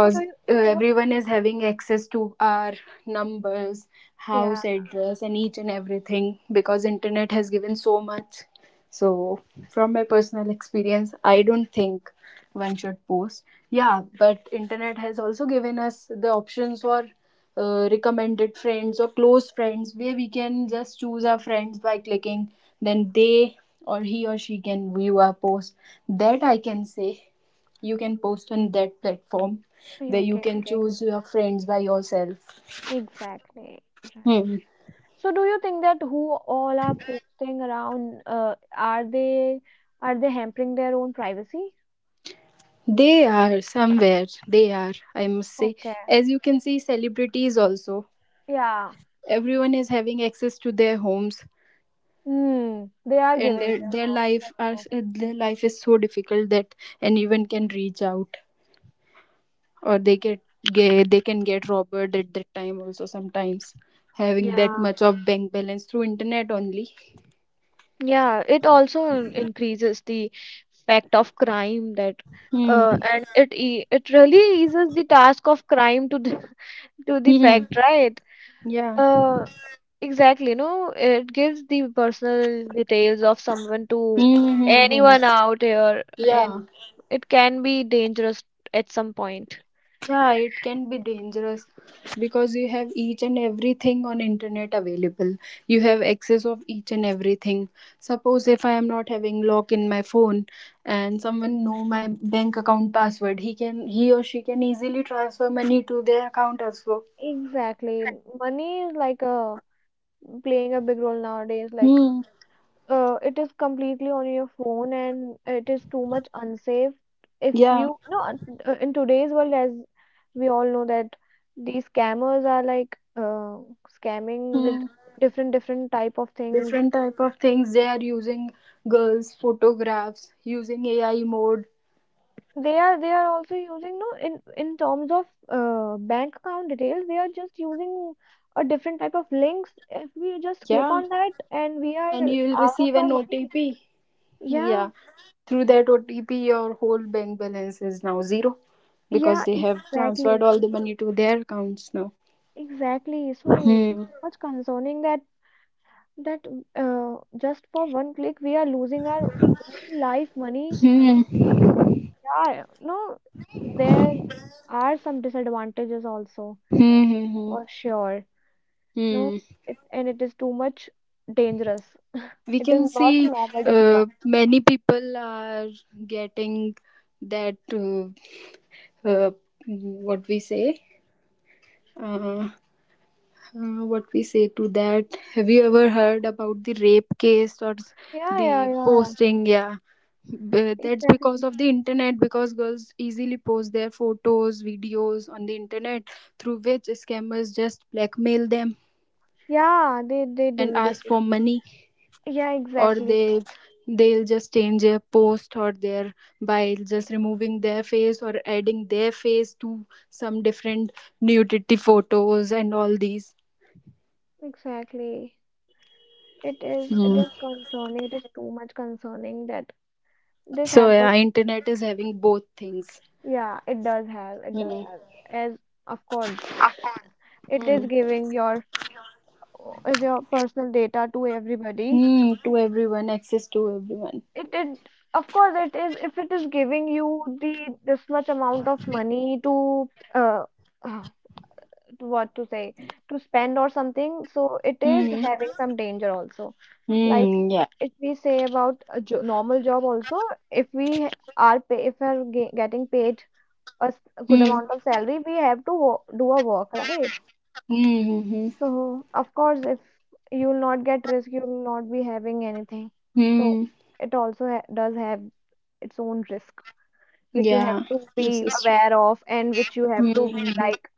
[SPEAKER 1] So do you, so-
[SPEAKER 2] everyone is having access to our numbers, house
[SPEAKER 1] yeah,
[SPEAKER 2] address and each and everything, because internet has given so much. So from my personal experience I don't think one should post. Yeah, but internet has also given us the options for recommended friends or close friends, where we can just choose our friends by clicking. Then they, or he or she can view our post. That I can say. You can post on that platform
[SPEAKER 1] okay,
[SPEAKER 2] where you can
[SPEAKER 1] okay,
[SPEAKER 2] choose your friends by yourself.
[SPEAKER 1] exactly, right.
[SPEAKER 2] Hmm.
[SPEAKER 1] So do you think that who all are posting around, are they hampering their own privacy?
[SPEAKER 2] They are, somewhere they are, I must say.
[SPEAKER 1] Okay.
[SPEAKER 2] As you can see, celebrities also,
[SPEAKER 1] Yeah.
[SPEAKER 2] everyone is having access to their homes.
[SPEAKER 1] Hmm. They are
[SPEAKER 2] And
[SPEAKER 1] giving
[SPEAKER 2] their,
[SPEAKER 1] them
[SPEAKER 2] their
[SPEAKER 1] up.
[SPEAKER 2] life are
[SPEAKER 1] Up.
[SPEAKER 2] their life is so difficult that anyone can reach out, or they get, they can get robbed at that time also sometimes, having that
[SPEAKER 1] Yeah,
[SPEAKER 2] much of bank balance through internet only.
[SPEAKER 1] yeah, it also increases the fact of crime. That
[SPEAKER 2] Hmm.
[SPEAKER 1] and it e it really eases the task of crime to the to the
[SPEAKER 2] Hmm.
[SPEAKER 1] fact, right?
[SPEAKER 2] Yeah.
[SPEAKER 1] Uh, exactly, no, it gives the personal details of someone to
[SPEAKER 2] Hmm. Hmm. Hmm.
[SPEAKER 1] anyone out here in.
[SPEAKER 2] Yeah,
[SPEAKER 1] It can be dangerous at some point.
[SPEAKER 2] yeah, it can be dangerous, because you have each and everything on internet available, you have access of each and everything. Suppose if I am not having lock in my phone, and someone know my bank account password, he or she can easily transfer money to their account as well.
[SPEAKER 1] Exactly. Money is like a playing a big role nowadays. Like,
[SPEAKER 2] Hmm.
[SPEAKER 1] it is completely on your phone, and it is too much unsafe. If
[SPEAKER 2] Yeah.
[SPEAKER 1] you no, in today's world, as we all know that these scammers are like scamming with
[SPEAKER 2] Hmm.
[SPEAKER 1] different different type of things.
[SPEAKER 2] Different type of things they are using, girls photographs using AI mode.
[SPEAKER 1] They are also using no in in terms of bank account details. They are just using a different type of links. If we just click
[SPEAKER 2] Yeah,
[SPEAKER 1] on that and we
[SPEAKER 2] and
[SPEAKER 1] are
[SPEAKER 2] you will
[SPEAKER 1] out of
[SPEAKER 2] receive an
[SPEAKER 1] our money.
[SPEAKER 2] OTP.
[SPEAKER 1] Yeah,
[SPEAKER 2] Yeah. Through that OTP, your whole bank balance is now zero, because
[SPEAKER 1] yeah,
[SPEAKER 2] they have transferred
[SPEAKER 1] exactly,
[SPEAKER 2] all the money to their accounts now.
[SPEAKER 1] exactly. So it is
[SPEAKER 2] Hmm.
[SPEAKER 1] so much concerning that that uh, just for one click we are losing our whole life money.
[SPEAKER 2] Hmm.
[SPEAKER 1] So,
[SPEAKER 2] Hmm.
[SPEAKER 1] yeah, no, there are some disadvantages also
[SPEAKER 2] Hmm. Hmm.
[SPEAKER 1] for sure.
[SPEAKER 2] Hmm.
[SPEAKER 1] No, it is too much dangerous.
[SPEAKER 2] We
[SPEAKER 1] It is
[SPEAKER 2] can
[SPEAKER 1] not
[SPEAKER 2] see
[SPEAKER 1] a normal disadvantage.
[SPEAKER 2] many people are getting that uh, what we say. Uh what we say to that, have you ever heard about the rape case or
[SPEAKER 1] Yeah,
[SPEAKER 2] the
[SPEAKER 1] yeah, yeah.
[SPEAKER 2] posting? Yeah. That's because
[SPEAKER 1] Exactly.
[SPEAKER 2] of the internet, because girls easily post their photos, videos on the internet, through which scammers just blackmail them
[SPEAKER 1] Yeah, they
[SPEAKER 2] and
[SPEAKER 1] do, they
[SPEAKER 2] ask
[SPEAKER 1] do.
[SPEAKER 2] for money.
[SPEAKER 1] Yeah,
[SPEAKER 2] Or
[SPEAKER 1] exactly.
[SPEAKER 2] they, they'll just change their post or their, by just removing their face or adding their face to some different nudity photos and all these.
[SPEAKER 1] Exactly. It is
[SPEAKER 2] Hmm.
[SPEAKER 1] concerning. It is too much concerning that this
[SPEAKER 2] So
[SPEAKER 1] happens.
[SPEAKER 2] yeah, internet is having both things.
[SPEAKER 1] Yeah, it does have. It does
[SPEAKER 2] Hmm.
[SPEAKER 1] have. As of course, it is
[SPEAKER 2] Hmm.
[SPEAKER 1] giving your personal data to everybody.
[SPEAKER 2] Hmm. To everyone, access to everyone.
[SPEAKER 1] It, of course it is, if it is giving you the this much amount of money uh, uh, to what to say, to spend or something, so it is
[SPEAKER 2] Hmm.
[SPEAKER 1] having some danger also. Like
[SPEAKER 2] Hmm. Yeah.
[SPEAKER 1] if we say about a jo normal job also, if we are getting paid a a good
[SPEAKER 2] Hmm.
[SPEAKER 1] amount of salary, we have to wo do a work, right?
[SPEAKER 2] Hmm. Hmm. Hmm.
[SPEAKER 1] So of course, if you will not get risk, you will not be having anything. So
[SPEAKER 2] Hmm,
[SPEAKER 1] it also ha does have its own risk, which you have
[SPEAKER 2] yeah.
[SPEAKER 1] to
[SPEAKER 2] This
[SPEAKER 1] be
[SPEAKER 2] is true.
[SPEAKER 1] aware of, and which you have
[SPEAKER 2] Hmm.
[SPEAKER 1] to be
[SPEAKER 2] Hmm.
[SPEAKER 1] like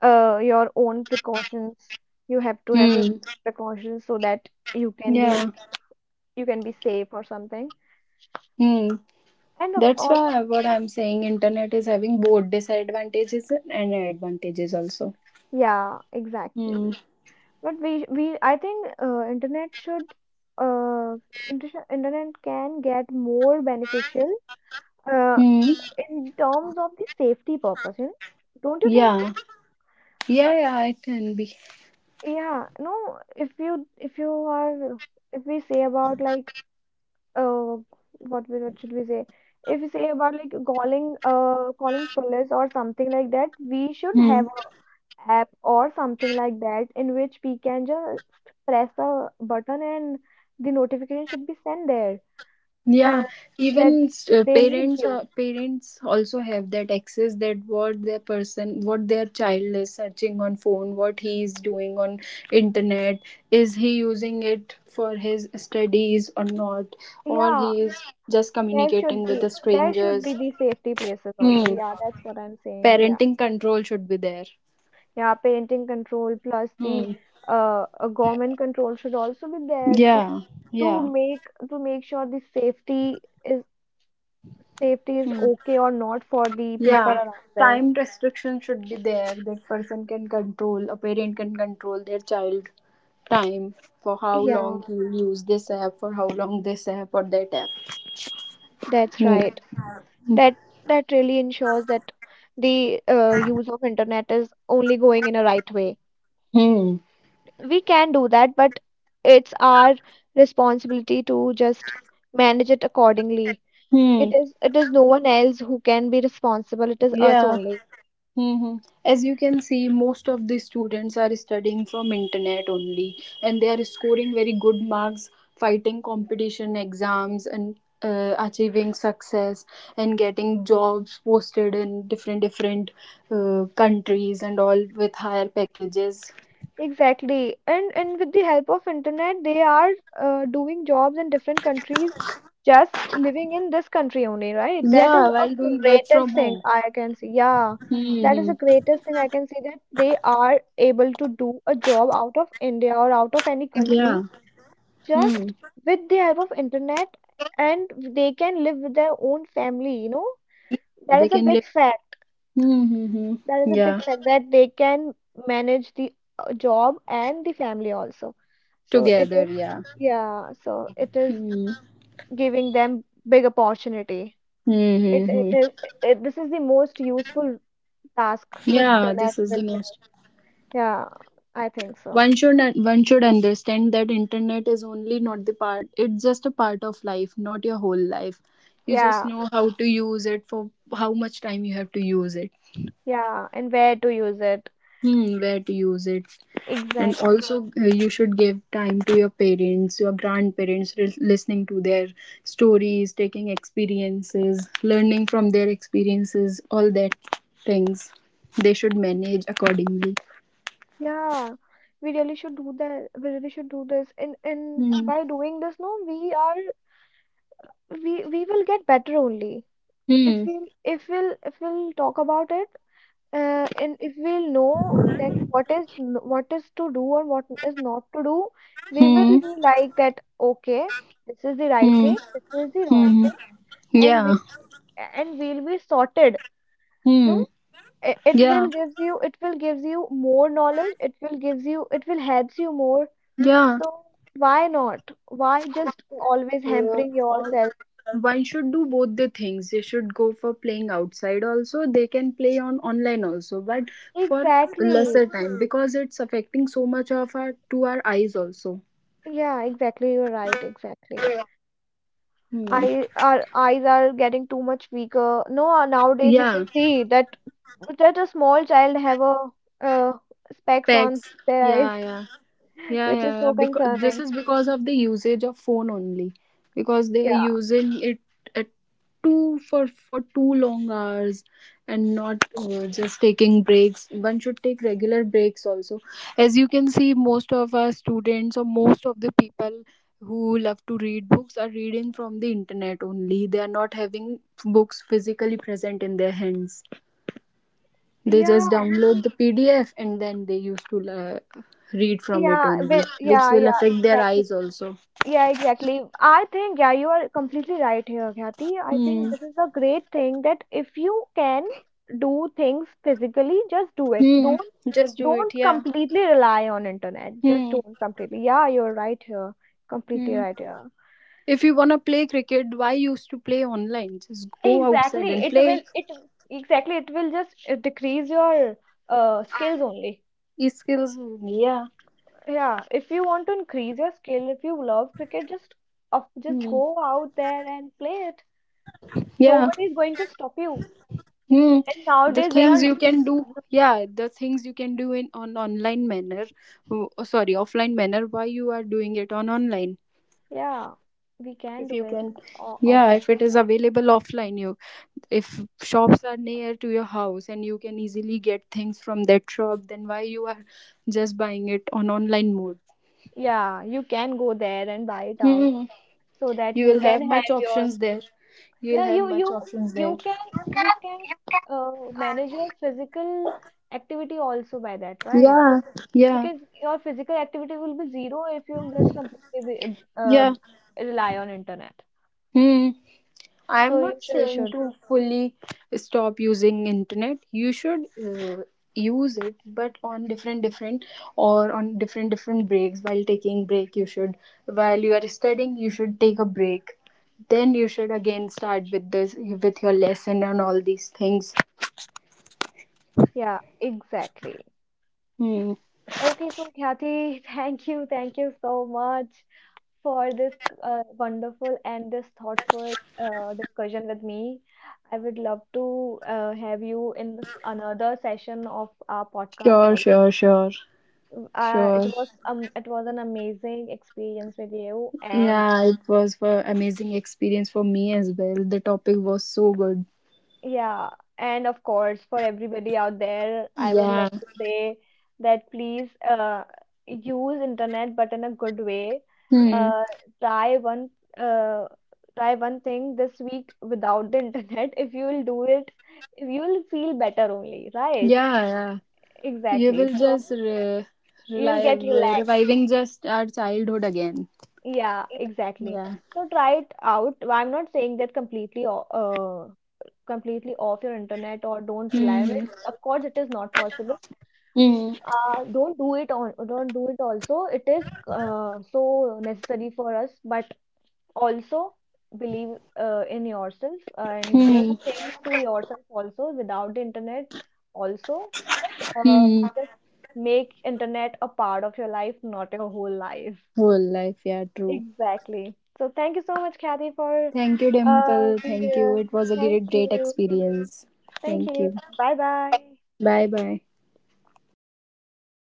[SPEAKER 1] your own precautions. You have to have
[SPEAKER 2] Hmm.
[SPEAKER 1] your
[SPEAKER 2] Hmm,
[SPEAKER 1] precautions so that
[SPEAKER 2] yeah.
[SPEAKER 1] you can be safe or something.
[SPEAKER 2] Hmm.
[SPEAKER 1] And of
[SPEAKER 2] That's
[SPEAKER 1] all,
[SPEAKER 2] why what I'm saying, internet is having both disadvantages and advantages also.
[SPEAKER 1] yeah,
[SPEAKER 2] Hmm.
[SPEAKER 1] exactly. But we, I think internet should, uh internet can get more beneficial uh
[SPEAKER 2] Hmm.
[SPEAKER 1] in terms of the safety purpose, you know. Don't you think so?
[SPEAKER 2] Yeah. Yeah. Yeah. It can be.
[SPEAKER 1] Yeah, no, if you are, if we say about like, uh what we what should we say? If we say about like calling, calling police or something like that, we should
[SPEAKER 2] Hmm.
[SPEAKER 1] have a app or something like that in which we can just press a button and the notification should be sent there, and
[SPEAKER 2] Yeah,
[SPEAKER 1] that
[SPEAKER 2] even
[SPEAKER 1] they need you.
[SPEAKER 2] parents also have that access, that what their person, what their child is searching on phone, what he is doing on internet, is he using it for his studies or not, or
[SPEAKER 1] Yeah,
[SPEAKER 2] he is just communicating with the
[SPEAKER 1] there should be
[SPEAKER 2] strangers.
[SPEAKER 1] the safety places also.
[SPEAKER 2] Hmm.
[SPEAKER 1] Yeah, that's what I'm saying. Yeah.
[SPEAKER 2] Parenting control should be there.
[SPEAKER 1] Yeah, painting control plus the
[SPEAKER 2] Hmm.
[SPEAKER 1] government control should also be there to
[SPEAKER 2] Yeah. Yeah.
[SPEAKER 1] to make sure the safety is, safety is
[SPEAKER 2] Hmm.
[SPEAKER 1] okay or not for the people
[SPEAKER 2] Yeah,
[SPEAKER 1] around there.
[SPEAKER 2] time restriction should be there, that person can control, a parent can control their child time, for how
[SPEAKER 1] Yeah,
[SPEAKER 2] long he will use this app, for how long this app or that app.
[SPEAKER 1] that's
[SPEAKER 2] Hmm.
[SPEAKER 1] right. That really ensures that the use of internet is only going in a right way.
[SPEAKER 2] Hmm.
[SPEAKER 1] We can do that, but it's our responsibility to just manage it accordingly.
[SPEAKER 2] Hmm.
[SPEAKER 1] It is no one else who can be responsible. It is us
[SPEAKER 2] Yeah.
[SPEAKER 1] only.
[SPEAKER 2] Hmm. As you can see, most of the students are studying from internet only, and they are scoring very good marks, fighting competition exams, and achieving success, and getting jobs posted in different different countries and all, with higher packages.
[SPEAKER 1] Exactly. And with the help of internet, they are doing jobs in different countries, just living in this country only, right? That is
[SPEAKER 2] Yeah, while
[SPEAKER 1] a
[SPEAKER 2] doing work from
[SPEAKER 1] greatest thing
[SPEAKER 2] home.
[SPEAKER 1] I can see. Yeah, that is
[SPEAKER 2] Hmm.
[SPEAKER 1] the greatest thing I can see, that they are able to do a job out of India or out of any country
[SPEAKER 2] Yeah. Hmm.
[SPEAKER 1] just with the help of internet, and they can live with their own family, you know? That
[SPEAKER 2] They
[SPEAKER 1] is a
[SPEAKER 2] can
[SPEAKER 1] big
[SPEAKER 2] live.
[SPEAKER 1] fact.
[SPEAKER 2] Mm-hmm.
[SPEAKER 1] That is a big
[SPEAKER 2] Yeah.
[SPEAKER 1] fact that they can manage the job and the family also. So it
[SPEAKER 2] Together.
[SPEAKER 1] is,
[SPEAKER 2] Yeah.
[SPEAKER 1] yeah, so it is
[SPEAKER 2] Hmm.
[SPEAKER 1] giving them big opportunity. It it
[SPEAKER 2] Mm-hmm.
[SPEAKER 1] is this is the most useful task the
[SPEAKER 2] Yeah.
[SPEAKER 1] internet
[SPEAKER 2] This is
[SPEAKER 1] will
[SPEAKER 2] the
[SPEAKER 1] give.
[SPEAKER 2] most.
[SPEAKER 1] Yeah, I think so.
[SPEAKER 2] One should understand that internet is only not the part, it's just a part of life, not your whole life. You just
[SPEAKER 1] Yeah,
[SPEAKER 2] know how to use it, for how much time you have to use it.
[SPEAKER 1] yeah, and where to use it.
[SPEAKER 2] Hmm, where to use it. And
[SPEAKER 1] Exactly.
[SPEAKER 2] also you should give time to your parents, your grandparents, listening to their stories, taking experiences, learning from their experiences, all that things. They should manage accordingly.
[SPEAKER 1] Yeah, we really should do that. We really should do this. And
[SPEAKER 2] Hmm.
[SPEAKER 1] by doing this, no, we will get better only. If
[SPEAKER 2] Hmm.
[SPEAKER 1] we'll talk about it and if we'll know that what is what is to do or what is not to do, we will
[SPEAKER 2] Hmm.
[SPEAKER 1] be like that, okay, this is the right
[SPEAKER 2] Hmm.
[SPEAKER 1] thing, this is the
[SPEAKER 2] Hmm.
[SPEAKER 1] wrong
[SPEAKER 2] Hmm.
[SPEAKER 1] thing. And
[SPEAKER 2] Yeah.
[SPEAKER 1] we'll be sorted. No,
[SPEAKER 2] Hmm.
[SPEAKER 1] it
[SPEAKER 2] Yeah.
[SPEAKER 1] will gives you more knowledge, it will helps you more.
[SPEAKER 2] Yeah.
[SPEAKER 1] So why not? Why just always
[SPEAKER 2] Uh,
[SPEAKER 1] hampering
[SPEAKER 2] all,
[SPEAKER 1] yourself?
[SPEAKER 2] one should do both the things. They should go for playing outside also. They can play on online also, but for
[SPEAKER 1] Exactly.
[SPEAKER 2] lesser time, because it's affecting so much of our, to our eyes also.
[SPEAKER 1] Yeah, exactly, you're right, exactly.
[SPEAKER 2] Hmm.
[SPEAKER 1] I, our eyes are getting too much weaker. No,
[SPEAKER 2] Yeah.
[SPEAKER 1] nowadays you can see that a small child have a uh, specs on
[SPEAKER 2] Specs.
[SPEAKER 1] their
[SPEAKER 2] Yeah.
[SPEAKER 1] eyes,
[SPEAKER 2] Yeah. Yeah,
[SPEAKER 1] which is
[SPEAKER 2] yeah, yeah.
[SPEAKER 1] so
[SPEAKER 2] Because this
[SPEAKER 1] concerning.
[SPEAKER 2] is because of the usage of phone only, because they are
[SPEAKER 1] Yeah,
[SPEAKER 2] using it at too for too long hours, and not just taking breaks. One should take regular breaks also. As you can see, most of our students or most of the people who love to read books are reading from the internet only. They are not having books physically present in their hands. They just
[SPEAKER 1] yeah,
[SPEAKER 2] download the PDF and then they used to uh, read from it
[SPEAKER 1] yeah,
[SPEAKER 2] only, which
[SPEAKER 1] yeah,
[SPEAKER 2] will
[SPEAKER 1] yeah,
[SPEAKER 2] affect their
[SPEAKER 1] exactly.
[SPEAKER 2] eyes also.
[SPEAKER 1] Yeah, exactly. I think, yeah, you are completely right here, Khyati. I think
[SPEAKER 2] Hmm.
[SPEAKER 1] this is a great thing, that if you can do things physically, just do it.
[SPEAKER 2] Hmm.
[SPEAKER 1] Don't
[SPEAKER 2] Just do
[SPEAKER 1] don't
[SPEAKER 2] it. Yeah.
[SPEAKER 1] completely rely on internet. Just
[SPEAKER 2] Hmm.
[SPEAKER 1] don't completely. Yeah, you're right here. Completely
[SPEAKER 2] Hmm.
[SPEAKER 1] right here.
[SPEAKER 2] If you wanna play cricket, why used to play online? Just go outside
[SPEAKER 1] Exactly.
[SPEAKER 2] and
[SPEAKER 1] It
[SPEAKER 2] play.
[SPEAKER 1] will it exactly it will just decrease your skills only.
[SPEAKER 2] E-skills. Yeah.
[SPEAKER 1] Yeah, if you want to increase your skill, if you love cricket, just
[SPEAKER 2] Hmm.
[SPEAKER 1] go out there and play it.
[SPEAKER 2] Yeah.
[SPEAKER 1] Nobody is going to stop you.
[SPEAKER 2] Hmm.
[SPEAKER 1] And
[SPEAKER 2] The
[SPEAKER 1] nowadays there
[SPEAKER 2] things
[SPEAKER 1] are
[SPEAKER 2] you can do.
[SPEAKER 1] no-
[SPEAKER 2] Yeah, the things you can do in on online manner. Oh, sorry, offline manner. Why you are doing it on online?
[SPEAKER 1] yeah, we can
[SPEAKER 2] If
[SPEAKER 1] do
[SPEAKER 2] you
[SPEAKER 1] it
[SPEAKER 2] can, yeah,
[SPEAKER 1] offline.
[SPEAKER 2] if it is available offline. You, if shops are near to your house and you can easily get things from that shop, then why you are just buying it on online mode?
[SPEAKER 1] Yeah, you can go there and buy it out
[SPEAKER 2] Hmm.
[SPEAKER 1] so that
[SPEAKER 2] You
[SPEAKER 1] you
[SPEAKER 2] will
[SPEAKER 1] can
[SPEAKER 2] have
[SPEAKER 1] have
[SPEAKER 2] much
[SPEAKER 1] your,
[SPEAKER 2] options there, you will
[SPEAKER 1] yeah,
[SPEAKER 2] have much options there.
[SPEAKER 1] you can you can manage your physical activity also by that, right?
[SPEAKER 2] Yeah, yeah,
[SPEAKER 1] Because your physical activity will be zero if you'll just completely be, uh,
[SPEAKER 2] yeah.
[SPEAKER 1] rely on internet.
[SPEAKER 2] Hmm. I am not
[SPEAKER 1] You
[SPEAKER 2] saying
[SPEAKER 1] should.
[SPEAKER 2] to fully stop using internet. You should use it, but on different different, or on different different breaks. While taking break, you should, while you are studying, you should take a break. Then you should again start with this with your lesson and all these things.
[SPEAKER 1] Yeah, exactly.
[SPEAKER 2] Hmm.
[SPEAKER 1] Okay, so Khyati, thank you so much for this wonderful and this thoughtful discussion with me. I would love to have you in another session of our podcast.
[SPEAKER 2] Sure,
[SPEAKER 1] Also,
[SPEAKER 2] sure, sure, sure.
[SPEAKER 1] it was an amazing experience with you. And
[SPEAKER 2] Yeah, it was for amazing experience for me as well. The topic was so good.
[SPEAKER 1] yeah, and of course, for everybody out there, I would love
[SPEAKER 2] Yeah.
[SPEAKER 1] to say that, please use internet, but in a good way.
[SPEAKER 2] Hmm.
[SPEAKER 1] Uh, Try one uh, try one thing this week without the internet. If you will do it, if you will feel better only, right?
[SPEAKER 2] Yeah, yeah. You
[SPEAKER 1] Exactly.
[SPEAKER 2] will
[SPEAKER 1] So
[SPEAKER 2] just
[SPEAKER 1] you'll get
[SPEAKER 2] relive,
[SPEAKER 1] relaxed.
[SPEAKER 2] reviving just our childhood again.
[SPEAKER 1] Yeah, exactly.
[SPEAKER 2] Yeah.
[SPEAKER 1] So try it out. I'm not saying that completely completely off your internet or don't rely on it.
[SPEAKER 2] Hmm.
[SPEAKER 1] Of course, it is not possible.
[SPEAKER 2] Hmm.
[SPEAKER 1] Don't do it also. It is so necessary for us, but also believe in yourself and do
[SPEAKER 2] Hmm.
[SPEAKER 1] things to yourself also without the internet also. uh,
[SPEAKER 2] Hmm.
[SPEAKER 1] just make internet a part of your life, not your whole life.
[SPEAKER 2] Whole life, yeah, true.
[SPEAKER 1] Exactly. So thank you so much, Kathy, for
[SPEAKER 2] Thank you, Dimple.
[SPEAKER 1] being
[SPEAKER 2] Thank you.
[SPEAKER 1] here.
[SPEAKER 2] It was a
[SPEAKER 1] Thank
[SPEAKER 2] great, great
[SPEAKER 1] you,
[SPEAKER 2] experience.
[SPEAKER 1] thank
[SPEAKER 2] Thank
[SPEAKER 1] you.
[SPEAKER 2] you.
[SPEAKER 1] Bye bye.
[SPEAKER 2] Bye bye.